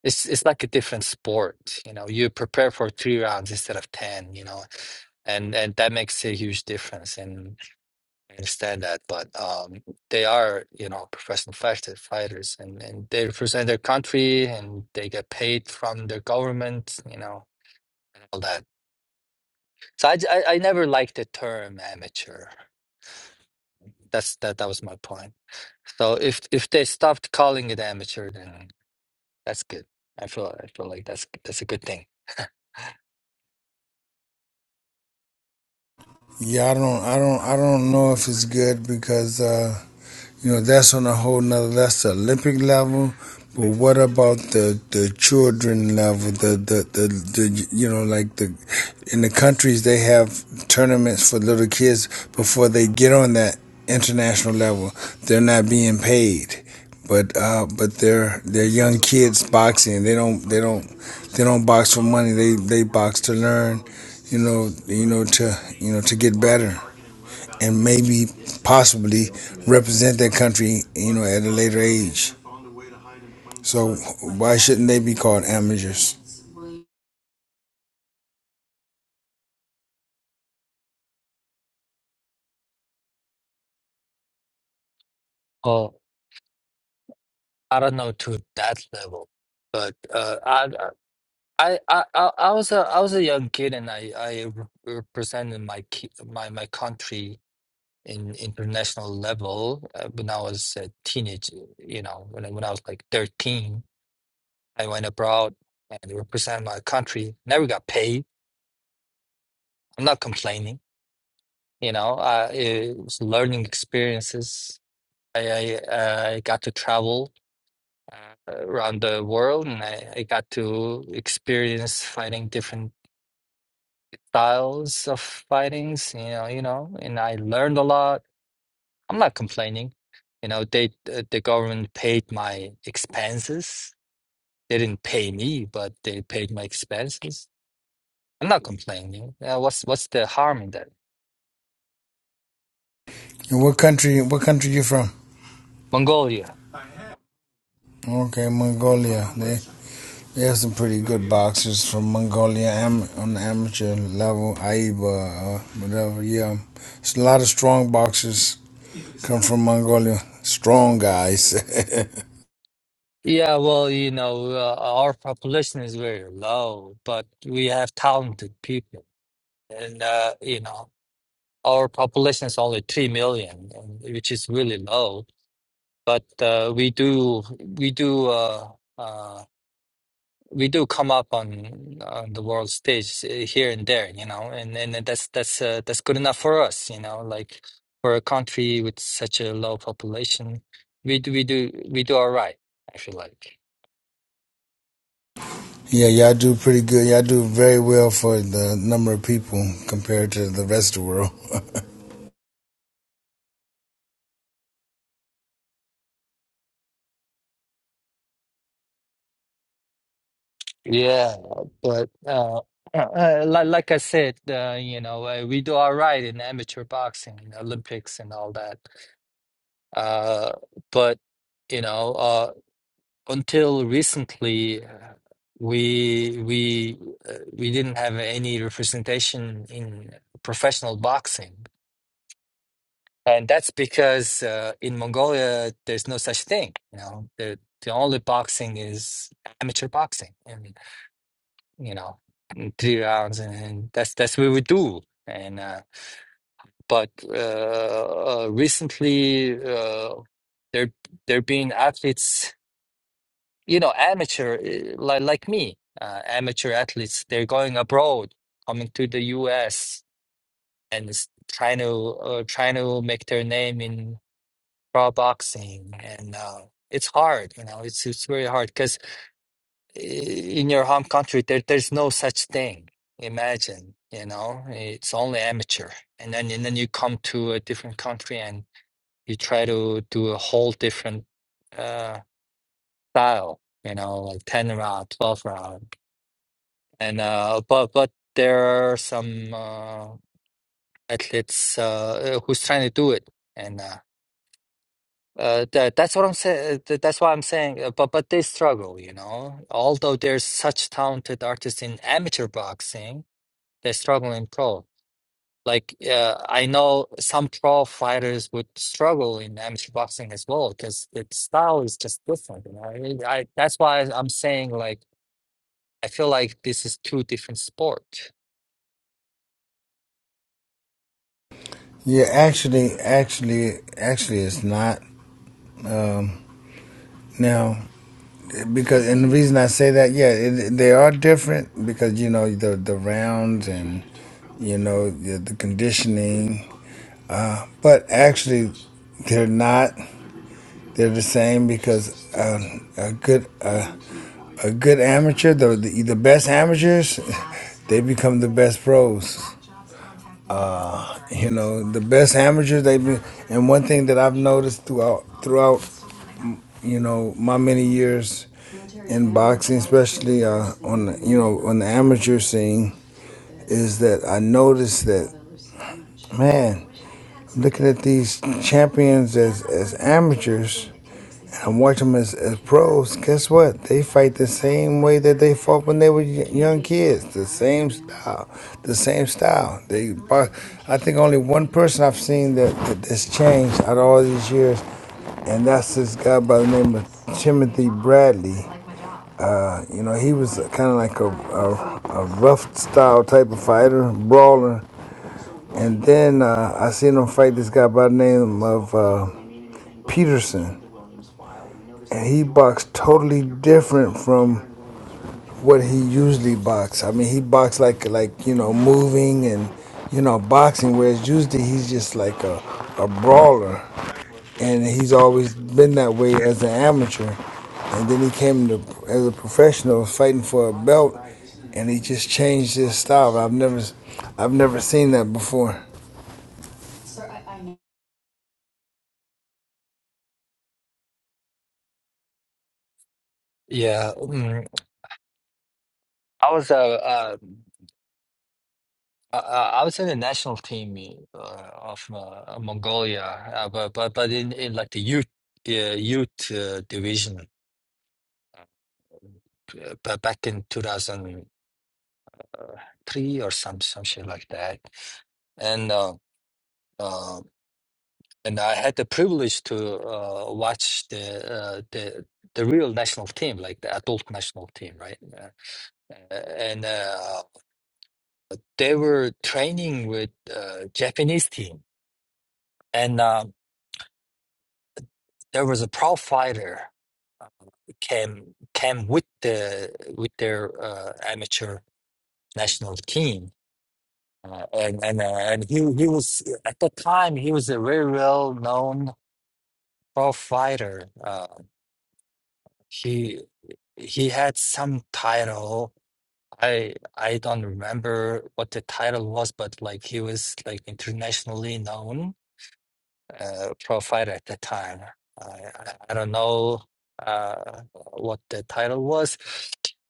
S6: It's it's like a different sport, you know. You prepare for three rounds instead of ten, you know, and and that makes a huge difference. And I understand that, but um, they are, you know, professional fighter- fighters, and and they represent their country, and they get paid from their government, you know, and all that. So I j- I, I never liked the term amateur. That's that that was my point. So if if they stopped calling it amateur, then that's good. I feel I feel like that's that's a good thing. <laughs>
S2: Yeah, I don't I don't I don't know if it's good because. Uh, You know, that's on a whole nother, that's the Olympic level. But what about the, the children level, the, the, the, the, you know, like the, in the countries they have tournaments for little kids before they get on that international level. They're not being paid. But, uh, but they're, they're young kids boxing. They don't, they don't, they don't box for money. They, they box to learn, you know, you know, to, you know, to get better and maybe possibly represent their country, you know, at a later age. So why shouldn't they be called amateurs?
S6: Oh. I don't know to that level, but uh, I I I I I was a I was a young kid and I I re- represented my ki my my country in international level uh, when I was a teenage. You know, when I, when I was like 13, I went abroad and represented my country. Never got paid. I'm not complaining. You know, I it was learning experiences. I I, uh, I got to travel uh, around the world and I, I got to experience fighting different styles of fightings you know you know and I learned a lot I'm not complaining you know they uh, the government paid my expenses they didn't pay me but they paid my expenses I'm not complaining uh, what's what's the harm in that
S2: And what country? What country you from?
S6: Mongolia
S2: Okay, Mongolia. They they have some pretty good boxers from Mongolia am, on the amateur level. Aiba, uh, whatever. Yeah, it's a lot of strong boxers come from Mongolia. Strong guys. <laughs>
S6: yeah well you know uh, our population is very low but we have talented people and uh, you know our population is only 3 million, and- which is really low. But uh, we do we do uh, uh, we do come up on on the world stage uh, here and there, you know, and and that's that's uh, that's good enough for us, you know. Like for a country with such a low population, we do we do we do all right. I feel like
S2: yeah, y'all do pretty good. Y'all do very well for the number of people compared to the rest of the world.
S6: yeah, but. Uh, uh, uh, like, like I said, uh, you know, uh, we do all right in amateur boxing, in Olympics, and all that Uh, but you know, uh, until recently, uh, we we uh, we didn't have any representation in professional boxing, and that's because uh, in Mongolia there's no such thing. You know, the the only boxing is amateur boxing, and you know, three rounds, and, and that's that's what we do. And uh, but uh, uh, recently, uh, there there been athletes you know, amateur uh, like like me, uh, amateur athletes, they're going abroad, coming to the U.S. and s- trying to uh, trying to make their name in pro boxing, and uh, it's hard, you know, it's it's very hard because in your home country there there's no such thing. Imagine, you know, it's only amateur, and then and then you come to a different country and you try to do a whole different uh, style, you know, like ten round, twelve round And uh, but but there are some uh, athletes uh, who's trying to do it, and uh, uh, that that's what I'm saying. That's why I'm saying. uh, But but they struggle, you know. Although there's such talented artists in amateur boxing, they struggle in pro. Like uh, I know some pro fighters would struggle in amateur boxing as well because its style is just different. You know, I, I that's why I'm saying like I feel like this is two different sport.
S2: Yeah, actually, actually, actually, it's not now because, and the reason I say that, yeah, it, they are different because you know the the rounds and you know the, the conditioning, but actually, they're not. They're the same because uh, a good uh, a good amateur, the, the the best amateurs, <laughs> they become the best pros. You know, the best amateurs they be, and one thing that I've noticed throughout throughout you know my many years in boxing especially uh, on the, you know on the amateur scene is that i noticed that man I'm looking at these champions as, as amateurs and i'm watching them as, as pros guess what they fight the same way that they fought when they were y- young kids the same style the same style they box. i think only one person i've seen that, that that's changed out of all these years and that's this guy by the name of Timothy Bradley. Uh, you know, he was kind of like a, a, a rough style type of fighter, brawler. And then uh, I seen him fight this guy by the name of uh, Peterson. And he boxed totally different from what he usually boxed. I mean, he boxed like, like you know, moving and, you know, boxing, whereas usually he's just like a, a brawler. and he's always been that way as an amateur. And then he came to as a professional fighting for a belt, and he just changed his style. I've never, I've never seen that before.
S6: Yeah, mm, I was uh, uh uh, uh, I was in the national team uh, of uh, Mongolia, uh, but but but in, in like the youth uh, youth uh, division, uh, ba- back in two thousand uh, three or some some shit like that, and uh, uh, and I had the privilege to uh, watch the uh, the the real national team, like the adult national team, right? Uh, and uh, they were training with uh, Japanese team. And uh, there was a pro fighter came came with the with their uh, amateur national team, uh, and and uh, and he he was at the time he was a very well known pro fighter. Uh, he he had some title. I I don't remember what the title was, but like he was like internationally known uh, profile at the time. I, I, I don't know uh, what the title was,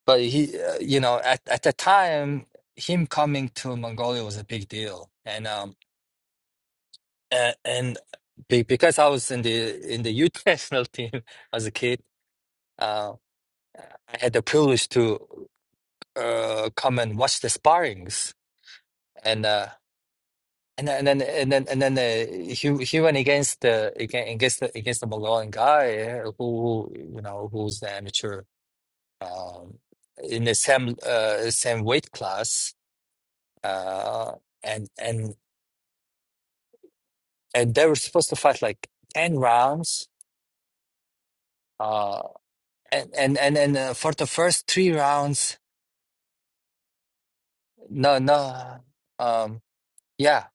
S6: but he, uh, you know, at, at the time, him coming to Mongolia was a big deal, and um, and, and be, because I was in the in the youth <laughs> national team as a kid, uh, I had the privilege to uh, come and watch the sparrings. And uh, And then, and then, and then, and then the, he he went against the against against the, against the Malawian guy yeah, who, who you know who's the amateur um, in the same uh, same weight class, uh, and and and they were supposed to fight like ten rounds, uh, and and and then uh, for the first three rounds, no, no, um, yeah,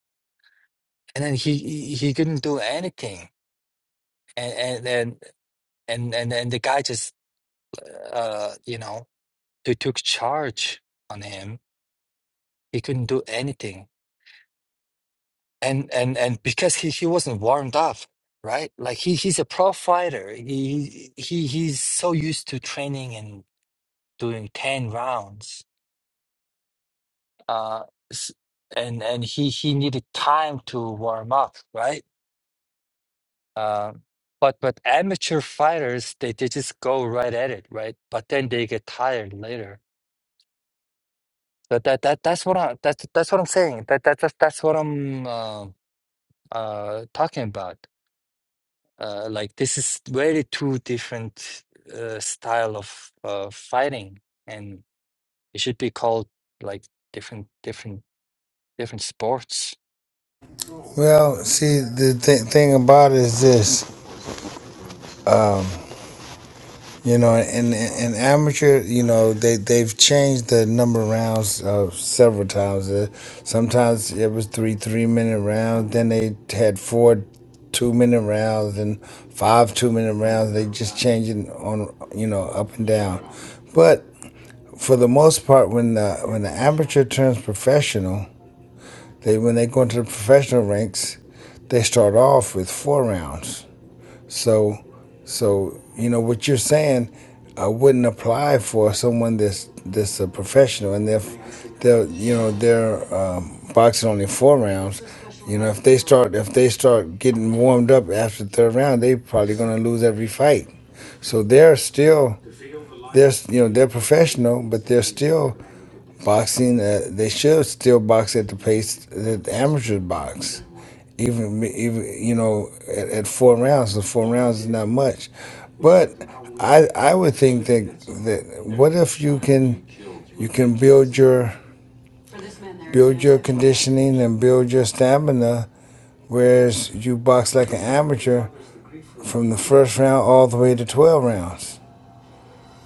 S6: and then he he he couldn't do anything, and and and and and, and the guy just uh, you know. they took charge on him. He couldn't do anything. And and and because he, he wasn't warmed up, right? Like he he's a pro fighter. He he he's so used to training and doing 10 rounds. Uh s- and and he he needed time to warm up, right? Uh, but but amateur fighters they, they just go right at it, right? But then they get tired later. That that, that that's what I that's that's what I'm saying. That that that's, that's what I'm uh, uh talking about uh like this is very two different uh style of uh fighting and it should be called like different different different sports
S2: Well, see, the th- thing about it is this. You know, and and amateur, you know, they they've changed the number of rounds uh, several times. Uh, sometimes it was three three minute rounds. Then they had four two minute rounds and five two minute rounds. They just changing on, you know, up and down. But for the most part, when the when the amateur turns professional, they when they go into the professional ranks, they start off with four rounds so, so you know what you're saying uh, wouldn't apply for someone that's that's a professional, and if they're you know they're um, boxing only four rounds, you know if they start if they start getting warmed up after the third round, they probably going to lose every fight. So they're still they're you know they're professional, but they're still boxing uh, they should still box at the pace that the amateurs box even even you know at, at four rounds the four rounds is not much but i i would think that that what if you can you can build your build your conditioning and build your stamina whereas you box like an amateur from the first round all the way to 12 rounds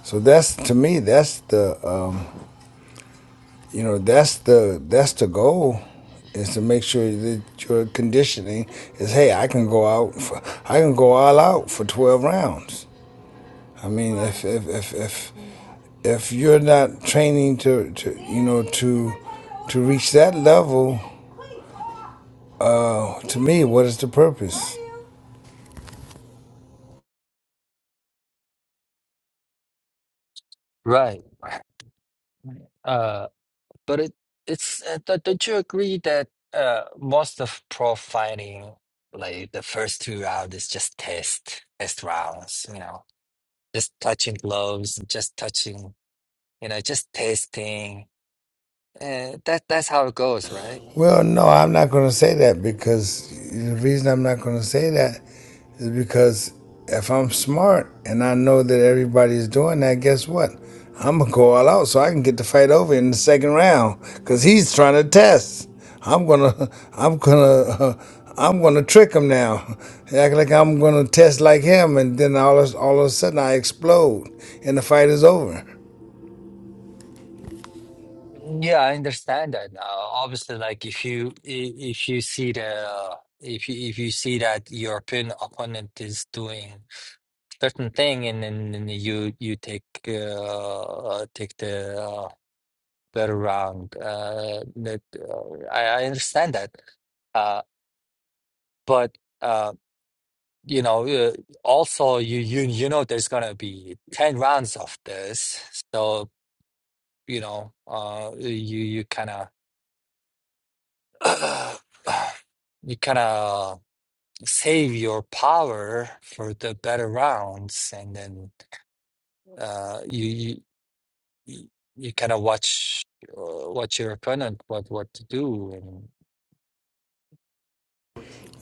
S2: so that's to me that's the um, you know that's the that's the goal is to make sure that your conditioning is hey i can go out for, i can go all out for 12 rounds i mean if if if if, if you're not training to, to you know to to reach that level to me what is the purpose
S6: right <laughs> uh but it it's uh, d- don't you agree that uh most of pro fighting like the first two rounds is just test test rounds you know just touching gloves just touching you know just testing and that that's how it goes right
S2: well no i'm not going to say that because the reason i'm not going to say that is because if I'm smart and I know that everybody's doing that, guess what? I'm gonna go all out so I can get the fight over in the second round because he's trying to test. I'm gonna, <laughs> I'm gonna, uh, I'm gonna trick him now. <laughs> Act like I'm gonna test like him, and then all of, all of a sudden I explode and the fight is over.
S6: Yeah, I understand that now. Obviously, like if you i- if you see the uh, if you if you see that European opponent is doing certain thing, and then then you you take uh, uh, take the uh, better round. Uh, that uh, I I understand that. Uh, but uh, you know, uh, also you you you know there's gonna be ten rounds of this, so you know, uh, you you kind of. <clears throat> you kind of save your power for the better rounds and then uh you you you kind of watch uh, watch your opponent what what to do and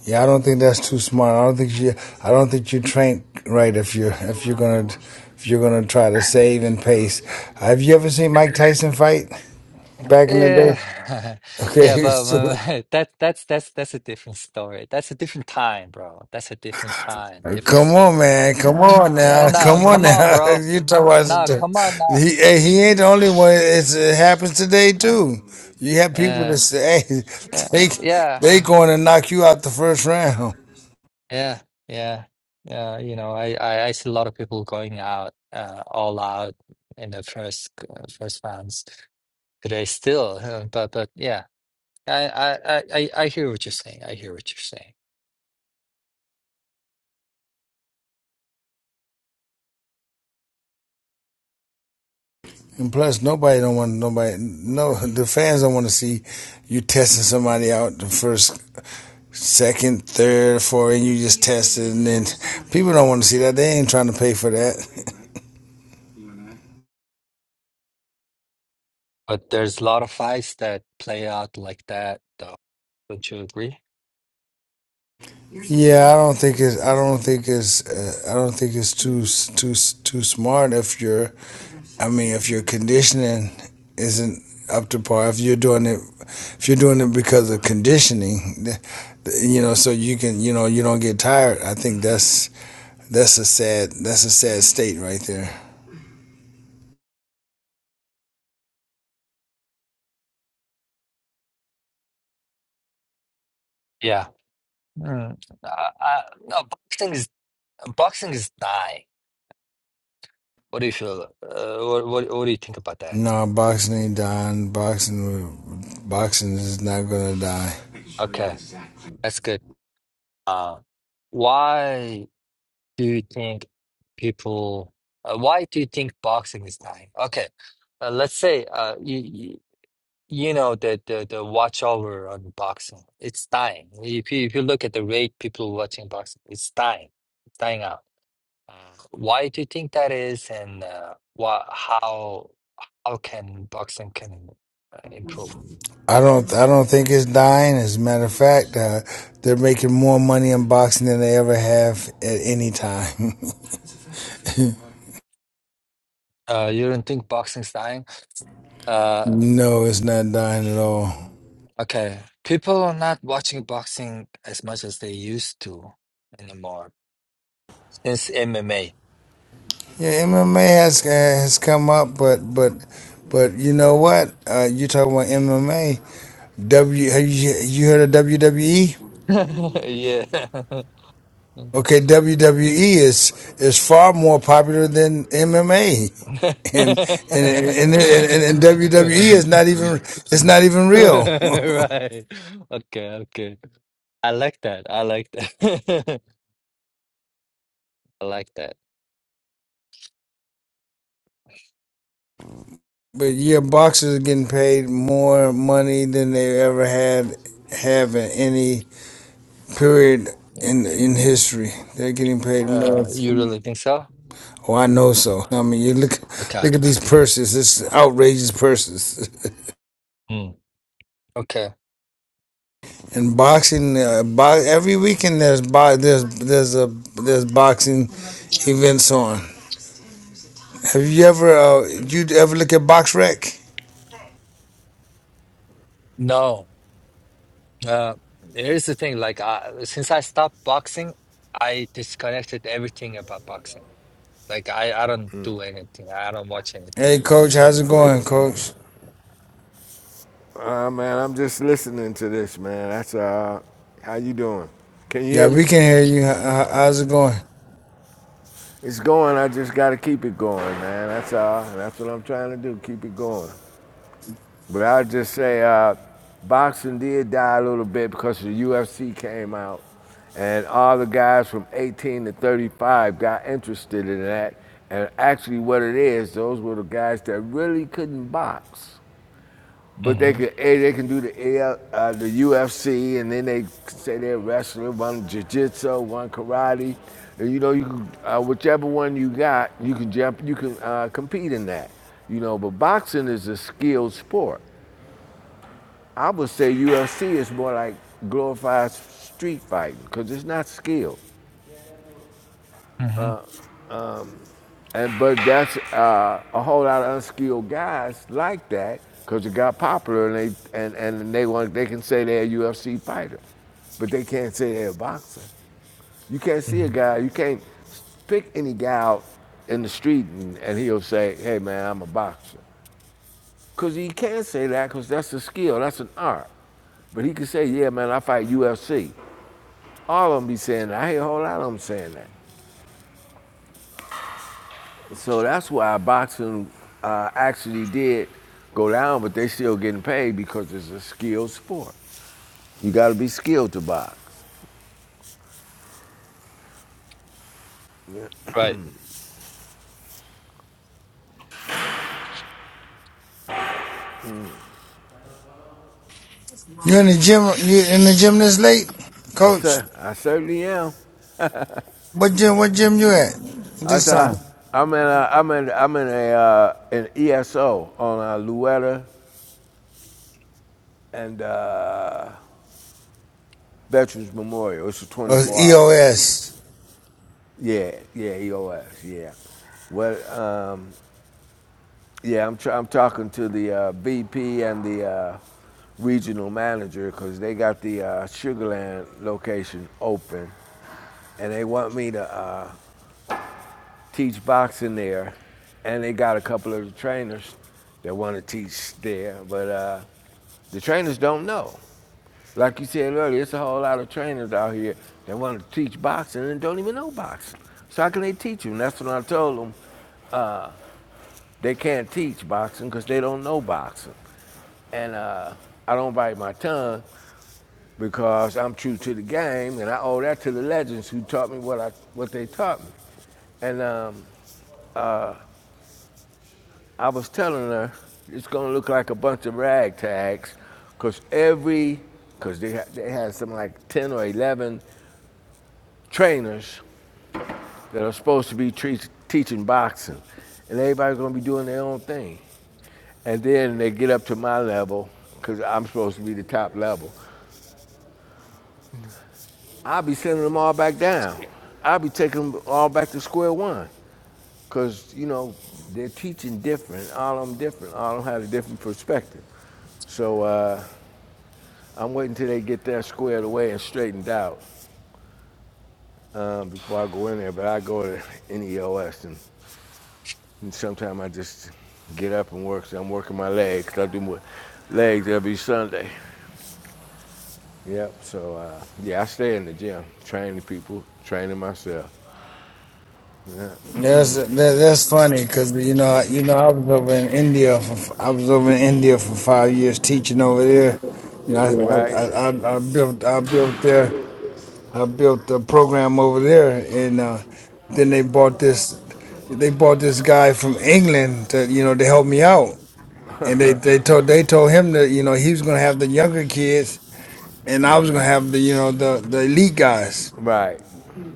S2: Yeah, I don't think that's too smart. I don't think you, I don't think you train right if you're if you're gonna if you're gonna try to save and pace. Have you ever seen Mike Tyson fight? back in the day.
S6: yeah <laughs> yeah
S2: Okay.
S6: but my- my- <laughs> that that's that's that's a different story that's a different time bro that's a different time
S2: <laughs>
S6: different
S2: Come on,
S6: story
S2: man. Come on
S6: Yeah,
S2: now.
S6: no,
S2: Come on
S6: come on,
S2: now. <laughs>
S6: bro.
S2: you talk about some
S6: No, come on, no.
S2: he eh, he ain't the
S6: You,
S2: only one. It's, it happens today
S6: yeah,
S2: too. You have people that
S6: yeah,
S2: say hey,
S6: yeah,
S2: <laughs> they they going to knock you out the first round.
S6: yeah, yeah, yeah. Yeah, You know, I, I, I see a lot of people going out, uh, all out in the first uh, first rounds today still. <laughs> uh, But but yeah, I, I, I, I I hear what you're saying. I hear what you're saying.
S2: And plus, nobody don't want nobody. No, the fans don't want to see you testing somebody out the first, second, third, fourth, and you just tested, and then people don't want to see that. They ain't trying to pay for that.
S6: But there's a lot of fights that play out like that, though. Don't you agree?
S2: Yeah, I don't think it's. I don't think it's. Uh, I don't think it's too s- too s- too smart if you're. I mean, if your conditioning isn't up to par, if you're doing it, if you're doing it because of conditioning, th- th- you know, so you can, you know, you don't get tired. I think that's that's a sad that's a sad state right there.
S6: Yeah. Mm. Uh, uh, no, boxing is boxing is dying. What do you feel? Uh, what, what what do you think about that?
S2: No, boxing ain't dying. Boxing, will- boxing is not gonna die.
S6: Okay, that's good. Uh, why do you think people? Uh, why do you think boxing is dying? Okay, uh, let's say uh, you, you you know the the the watch over on boxing, it's dying. If you if you look at the rate people watching boxing, it's dying, it's dying out. Uh, Why do you think that is, and uh, what how how can boxing can uh, improve?
S2: I don't. I don't think it's dying. As a matter of fact, uh, they're making more money in boxing than they ever have at any time.
S6: Uh, you don't think boxing's dying?
S2: <laughs>
S6: Uh,
S2: no, it's not dying at all.
S6: okay. People are not watching boxing as much as they used to anymore since MMA.
S2: Yeah, MMA has uh, has come up, but but but you know what? Uh, you talking about MMA? W? Have you you heard of WWE?
S6: <laughs> Yeah.
S2: Okay, WWE is is far more popular than MMA,
S6: <laughs>
S2: <laughs> and and and, and, and, and WWE is not even it's not even real. <laughs>
S6: Right. Okay, okay. I like that. I like that. <laughs> I like that.
S2: But yeah, boxers are getting paid more money than they ever had have in any period in in history. They're getting paid more.
S6: Uh, you really think so?
S2: Oh, I know so. I mean, you look
S6: Okay.
S2: look at these purses. It's outrageous purses.
S6: Mm. Okay.
S2: And boxing, uh, bo- every weekend there's bo- there's there's a there's boxing events on. Have you ever uh, you ever look at Box Rec?
S6: No. Uh, here's the thing. Like, I, since I stopped boxing, I disconnected everything about boxing. Like I, I don't do anything. I don't watch
S2: Hey,
S6: anything.
S2: coach, how's it going, coach?
S7: Uh, man, I'm just listening to this, man. That's uh, how you doing? Can you
S2: Yeah,
S7: hear
S2: we
S7: me?
S2: can hear you. How, how's it going?
S7: It's going. I just got to keep it going, man. That's uh, that's what I'm trying to do. Keep it going. But I'll just say, uh, boxing did die a little bit because the UFC came out, and all the guys from 18 to 35 got interested in that. And actually, what it is, those were the guys that really couldn't box But they
S6: hmm
S7: can they can do the uh, the UFC, and then they say they're wrestling, one jiu-jitsu, one karate. And, you know, you can, uh, whichever one you got, you can jump, you can uh, compete in that. You know, but boxing is a skilled sport. I would say UFC is more like glorified street fighting because it's not skilled.
S6: hmm
S7: And but that's uh, a whole lot of unskilled guys like that because it got popular and they and, and they want they can say they're a UFC fighter, but they can't say they're a boxer. You can't see a
S6: hmm
S7: guy. You can't pick any guy out in the street and, and he'll say, "Hey man, I'm a boxer," because he can't say that because that's a skill. That's an art. But he can say, "Yeah man, I fight UFC." All of them be saying that. I hear a whole lot of them saying that. So that's why boxing uh, actually did go down, but they still getting paid because it's a skilled sport. You got to be skilled to box.
S6: Right.
S2: You in the gym? You in the gym this late,
S7: I
S2: Coach?
S7: cer- I certainly am.
S2: What gym? What gym you at
S7: I
S2: this time?
S7: thought I'm in a I'm in I'm in a uh, an ESO on uh, Louetta and uh, Veterans Memorial. It's a
S2: Oh,
S7: 24 hour.
S2: EOS.
S7: Yeah, yeah, EOS. Yeah. Well, um, Yeah, I'm, tr- I'm talking to the uh, VP and the uh, regional manager because they got the uh, Sugarland location open and they want me to uh, teach boxing there. And they got a couple of the trainers that want to teach there, but uh, the trainers don't know. Like you said earlier, it's a whole lot of trainers out here that want to teach boxing and don't even know boxing. So how can they teach them? That's when I told them. They can't teach boxing because they don't know boxing. And uh, I don't bite my tongue because I'm true to the game, and I owe that to the legends who taught me what I what they taught me. And um, I was telling her it's gonna look like a bunch of rag tags, cause every, cause they ha- they had some like ten or eleven trainers that are supposed to be tre- teaching boxing, and everybody's gonna be doing their own thing. And then they get up to my level, cause I'm supposed to be the top level, I'll be sending them all back down. I'll be taking them all back to square one. Because, you know, they're teaching different. All of them different. All of them had a different perspective. So uh, I'm waiting till they get that squared away and straightened out um, before I go in there. But I go to NEOS and, and sometimes I just get up and work. So I'm working my legs. I do my legs every Sunday. Yep. So uh, yeah, I stay in the gym, training people, training myself.
S2: That's that, that's funny because you know I- you know I was over in India for I was over in India for five years teaching over there. You know I
S7: Right.
S2: I, I, I built I built there I built a program over there and uh, then they bought this they bought this guy from England to you know to help me out and they they told they told him that you know he was gonna have the younger kids and I was gonna have the you know the the elite guys.
S7: Right.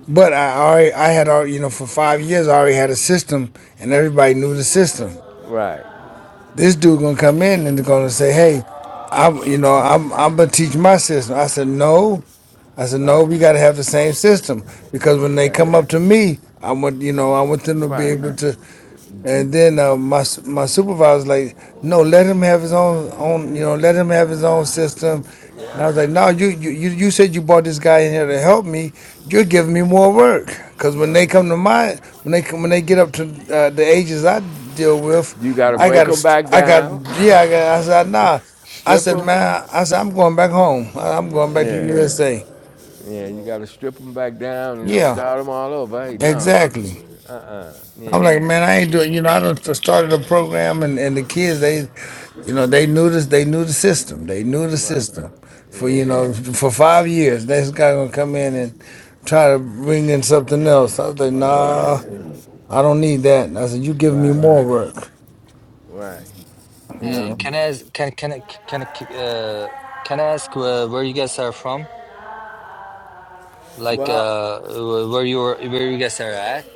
S2: But I already I had already you know for five years I already had a system, and everybody knew the system.
S7: Right.
S2: This dude gonna come in and gonna say, hey, I'm you know I'm I'm gonna teach my system. I said no. I said no.
S7: Right.
S2: We gotta have the same system because when they come
S7: Exactly.
S2: up to me, I want you know I want them to be
S7: Right.
S2: able to. And then uh, my su- my supervisor's like, no, let him have his own own, you know, let him have his own system. And I was like, no, you you you you said you brought this guy in here to help me. You're giving me more work because when they come to my when they come- when they get up to uh, the ages I deal with,
S7: You got
S2: You
S7: to
S2: I got
S7: break them
S2: to
S7: back
S2: I got
S7: down,
S2: yeah I got I said nah. I
S7: strip
S2: said
S7: them.
S2: man, I said I'm going back home. I- I'm going back to
S7: Yeah.
S2: USA.
S7: Yeah. You got to strip them back down and
S2: Yeah,
S7: start them all over. Hey, no.
S2: exactly. I'm
S7: Yeah.
S2: like, man, I ain't doing. You know, I done started a program, and, and the kids, they, you know, they knew this. They knew the system. They knew the
S7: Right.
S2: system for you
S7: Yeah.
S2: know for five years. This guy gonna come in and try to bring in something else. I was like,
S7: Right.
S2: nah,
S7: Yeah.
S2: I don't need that. And I said, you giving me
S7: Right.
S2: more work.
S7: Right. Yeah.
S6: Uh, can I ask, can can I can I k- uh can I ask where, where you guys are from? Like
S7: Well,
S6: uh wh- where you are where you guys are at?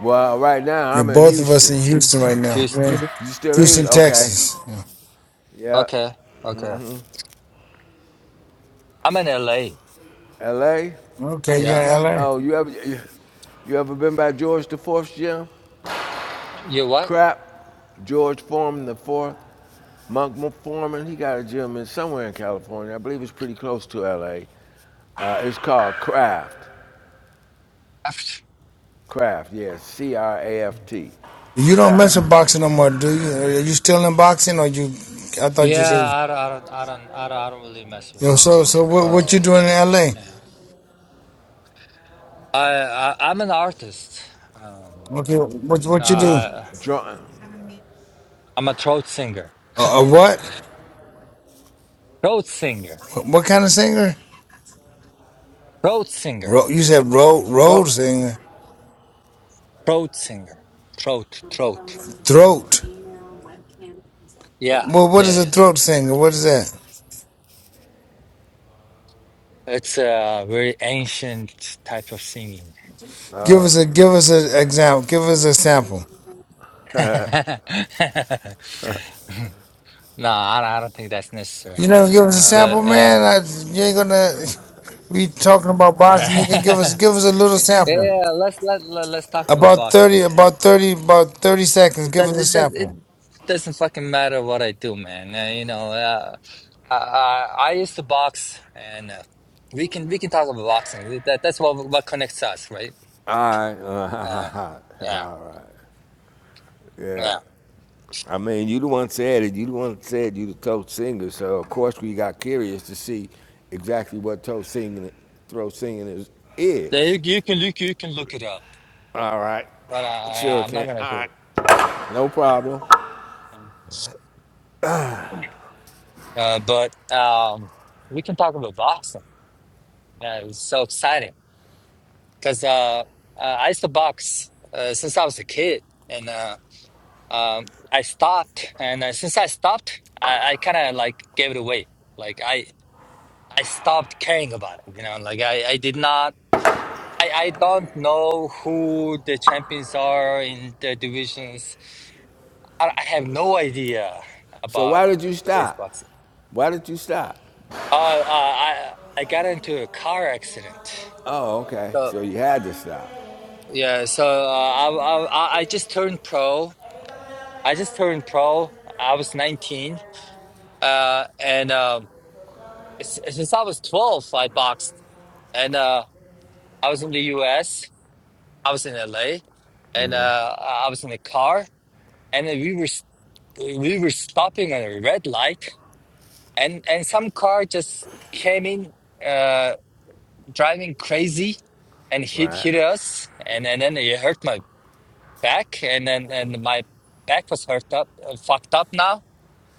S7: well, right now
S2: You're
S7: I'm in
S2: both of us
S7: Houston.
S2: in Houston right now,
S6: Houston.
S2: man.
S7: You still in
S2: Houston,
S7: Houston?
S6: Okay.
S7: Okay.
S2: Texas. Yeah.
S7: Yeah.
S6: Okay. Okay. I'm in LA.
S7: L.A.
S2: Okay, you're
S6: Yeah.
S2: in LA.
S7: Oh, you ever you ever been by George the Fourth's Gym?
S6: You what?
S7: Crap, George Foreman the fourth, Monk Foreman. He got a gym in somewhere in California. I believe it's pretty close to L.A. Uh, it's called Craft.
S6: I've-
S7: Craft, yes, C-R-A-F-T.
S2: You don't
S7: Craft.
S2: mess with boxing no more, do you? Are you still in boxing, or you? I thought you
S6: Yeah,
S2: said.
S6: I don't, I don't I don't I don't I don't really mess with
S2: Yo,
S6: mess
S2: so
S6: around
S2: so
S6: with
S2: what what you
S6: boxing
S7: Oh, okay.
S2: doing
S6: anymore.
S2: in LA?
S6: Yeah. I, I I'm an artist. Um
S2: Okay, what, what you do?
S6: I
S7: What? John?
S6: I'm a throat singer.
S2: A, a what?
S6: Throat singer.
S2: what? What kind of singer?
S6: Throat singer.
S2: Ro- you said road road
S7: Oh,
S2: singer.
S6: Throat singer. Throat, throat.
S2: Throat.
S7: okay,
S6: Yeah,
S2: Well, what is
S6: yeah.
S2: a
S6: yeah.
S2: throat singer? What is that?
S6: It's a very ancient type of singing.
S2: Give us a give us an
S7: okay.
S2: example. Give us a sample.
S6: <laughs> no, I, I don't think that's necessary.
S2: You never give us a
S7: All
S2: sample,
S6: But
S7: right.
S6: uh,
S2: man. I, you ain't gonna. <laughs> We talking about
S6: <laughs>
S2: boxing. You can give us
S6: yeah,
S2: give us a little sample.
S6: let's let, let let's talk about
S2: About thirty.
S6: boxing. man.
S2: About thirty. About thirty seconds.
S6: It
S2: Give
S6: does
S2: us a
S6: it does it
S2: sample.
S6: doesn't fucking matter what I do, man. Uh, you know, uh, I, I I used to box, and uh, we can we can talk about boxing. That that's what what connects us, right?
S7: All
S6: Uh,
S7: right. <laughs>
S6: yeah,
S7: All right.
S6: yeah.
S7: Yeah. I mean, you the one said it. You the one said you the throat singer. So of course we got curious to see exactly what throat singing, throat singing is.
S6: There
S7: is.
S6: you, you can look you can look it up,
S7: All right,
S6: but I,
S7: sure
S6: I I'm not
S7: can.
S6: gonna do
S7: All right,
S6: it.
S7: no problem.
S6: Uh, but um, we can talk about boxing. Yeah, it's so exciting because uh, uh, I used to box uh, since I was a kid, and uh. um, I stopped, and uh, since I stopped, I, I kind of like gave it away. Like I, I stopped caring about it. You know, like I, I did not. I, I don't know who the champions are in the divisions. I, I have no idea
S7: So
S6: about
S7: why did you
S6: today's
S7: stop?
S6: boxing.
S7: Why did you stop?
S6: Uh, uh, I I got into a car accident.
S7: Oh, okay.
S6: So
S7: So you had to stop.
S6: yeah, so uh, I, I I I just turned pro. I just turned pro. I was nineteen. Uh, and um s- since I was 12, I boxed, and uh, I was in the US, I was in LA, and uh, I was in a car, and then we were s- we were stopping at a red light, and and some car just came in, uh, driving crazy, and hit
S7: Right.
S6: hit us, and and then it hurt my back, and then and my back was hurt up, uh, fucked up now.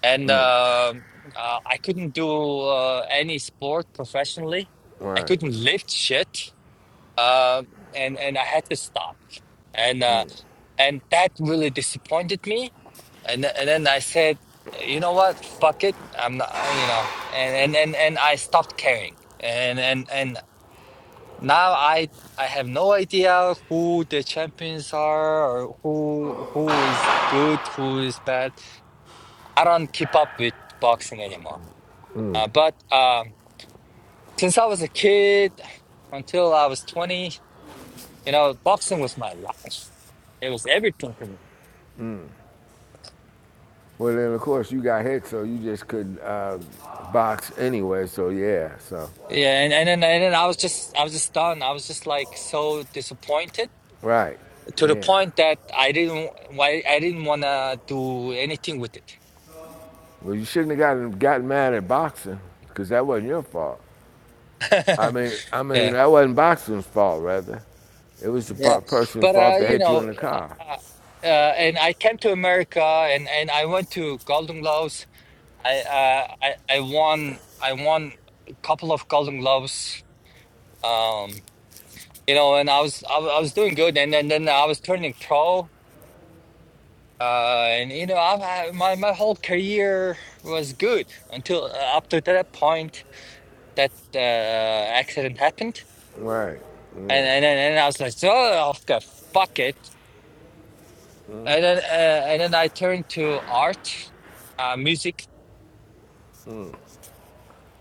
S6: And um uh, I couldn't do uh, any sport professionally. I
S7: Right.
S6: couldn't lift shit. uh, and and I had to stop, and uh, and that really disappointed me, and th- and then I said, you know what, fuck it, I'm not, uh, you know, and and and and I stopped caring, and and and now I I have no idea who the champions are or who who is good, who is bad. I don't keep up with boxing anymore. Uh, but um, since I was a kid until I was 20. You know, boxing was my life. It was everything to me.
S7: Well, then of course you got hit, so you just couldn't uh, box anyway. So yeah. So
S6: Yeah, and, and then and then I was just I was just done. I was just like so disappointed
S7: right.
S6: to the
S7: Yeah.
S6: point that I didn't why I didn't wanna do anything with it.
S7: Well, you shouldn't have gotten gotten mad at boxing because that wasn't your fault. I
S6: <laughs>
S7: mean, I mean
S6: Yeah,
S7: that wasn't boxing's fault. Rather, it was the
S6: yeah.
S7: per- person's
S6: But uh,
S7: fault that
S6: you
S7: hit you
S6: know,
S7: in the car.
S6: uh, uh, and I came to America and and I went to Golden Gloves. I uh I I won I won a couple of Golden Gloves. Um, you know, and I was I, was- I was doing good, and then then I was turning pro Uh, and you know, I've had my my whole career was good until uh, up to that point that uh, accident happened,
S7: Right. Yeah.
S6: and and then and I was like, "So, oh, okay, fuck it, and then uh, and then I turned to art, uh, music,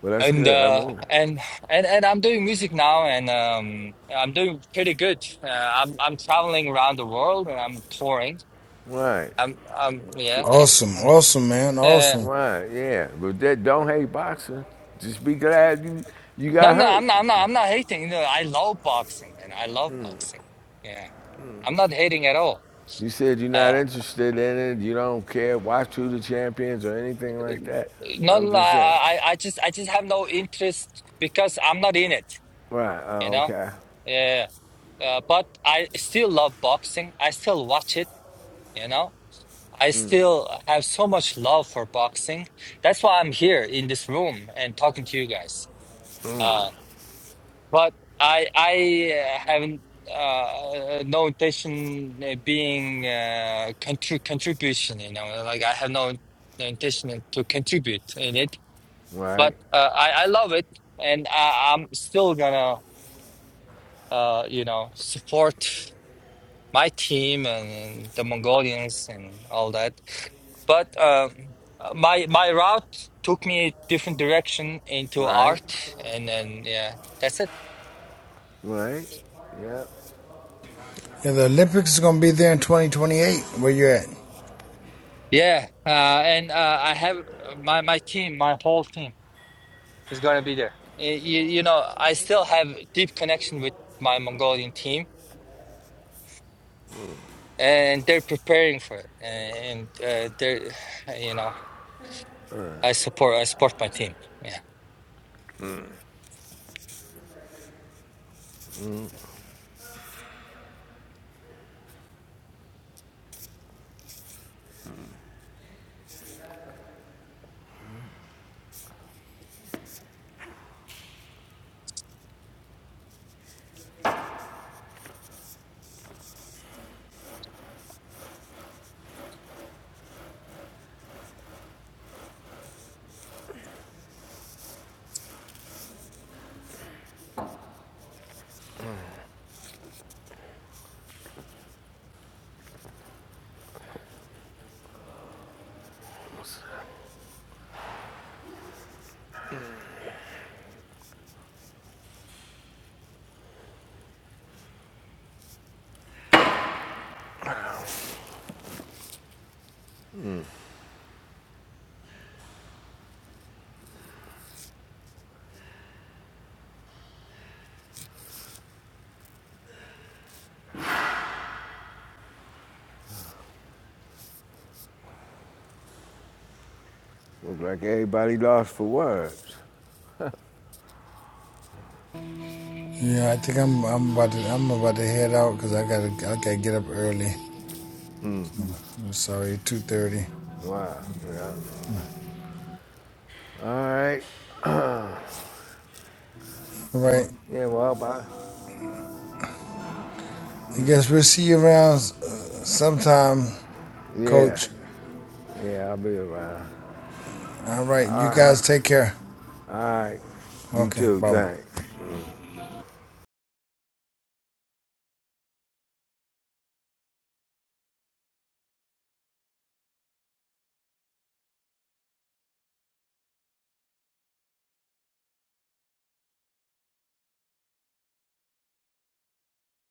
S7: Well, that's
S6: and
S7: good. I
S6: uh,
S7: mean,
S6: and and and I'm doing music now, and um, I'm doing pretty good. Uh, I'm I'm traveling around the world, and I'm touring.
S7: right.
S6: I'm I'm yeah.
S7: So,
S2: Awesome. Awesome, man.
S6: Uh,
S2: Awesome.
S7: right. Yeah. But that don't hate boxing. Just be glad you you
S6: No,
S7: got
S6: no, I'm
S7: hurt.
S6: not. I'm not. I'm not hating. No, I love boxing, man. I love boxing. Yeah, I'm not hating at all.
S7: You said you're not
S6: Uh,
S7: interested in it. You don't care. Watch who the champions or anything like that.
S6: no, no,
S7: I'm
S6: no,
S7: just saying.
S6: I, I, I just, I just have no interest because I'm not in it.
S7: Right.
S6: You
S7: Oh,
S6: know.
S7: okay.
S6: Yeah. Uh, but I still love boxing. I still watch it. You know. I still have so much love for boxing. That's why I'm here in this room and talking to you guys. Uh. But I I uh, haven't uh, no intention uh, being uh, contri contribution. You know, like I have no, no intention to contribute in it. But
S7: Right.
S6: uh, I I love it, and I, I'm still gonna uh, you know support my team and the Mongolians and all that. But um, uh, my my route took me a different direction into
S7: Right.
S6: art, and then yeah, that's it.
S7: Right? Yep.
S2: Yeah, the Olympics is gonna be there in twenty twenty eight. Where you at?
S6: Yeah, uh, and uh, I have my my team, my whole team is gonna be there. Eh, You, you know, I still have deep connection with my Mongolian team, and they're preparing for it. And uh, they're, you know, I support I support my team. Yeah.
S7: Looks like everybody lost for words.
S2: Yeah, I think I'm I'm about to I'm about to head out because I gotta I gotta get up early. I'm sorry, two thirty.
S7: Wow. Yep. All right.
S2: All right,
S7: Yeah, well, bye.
S2: I guess we'll see you around uh, sometime,
S7: Yeah.
S2: Coach.
S7: Yeah, I'll be around.
S2: All right, you guys take care.
S7: All right. You
S2: Okay,
S7: too.
S2: bye.
S7: Thanks.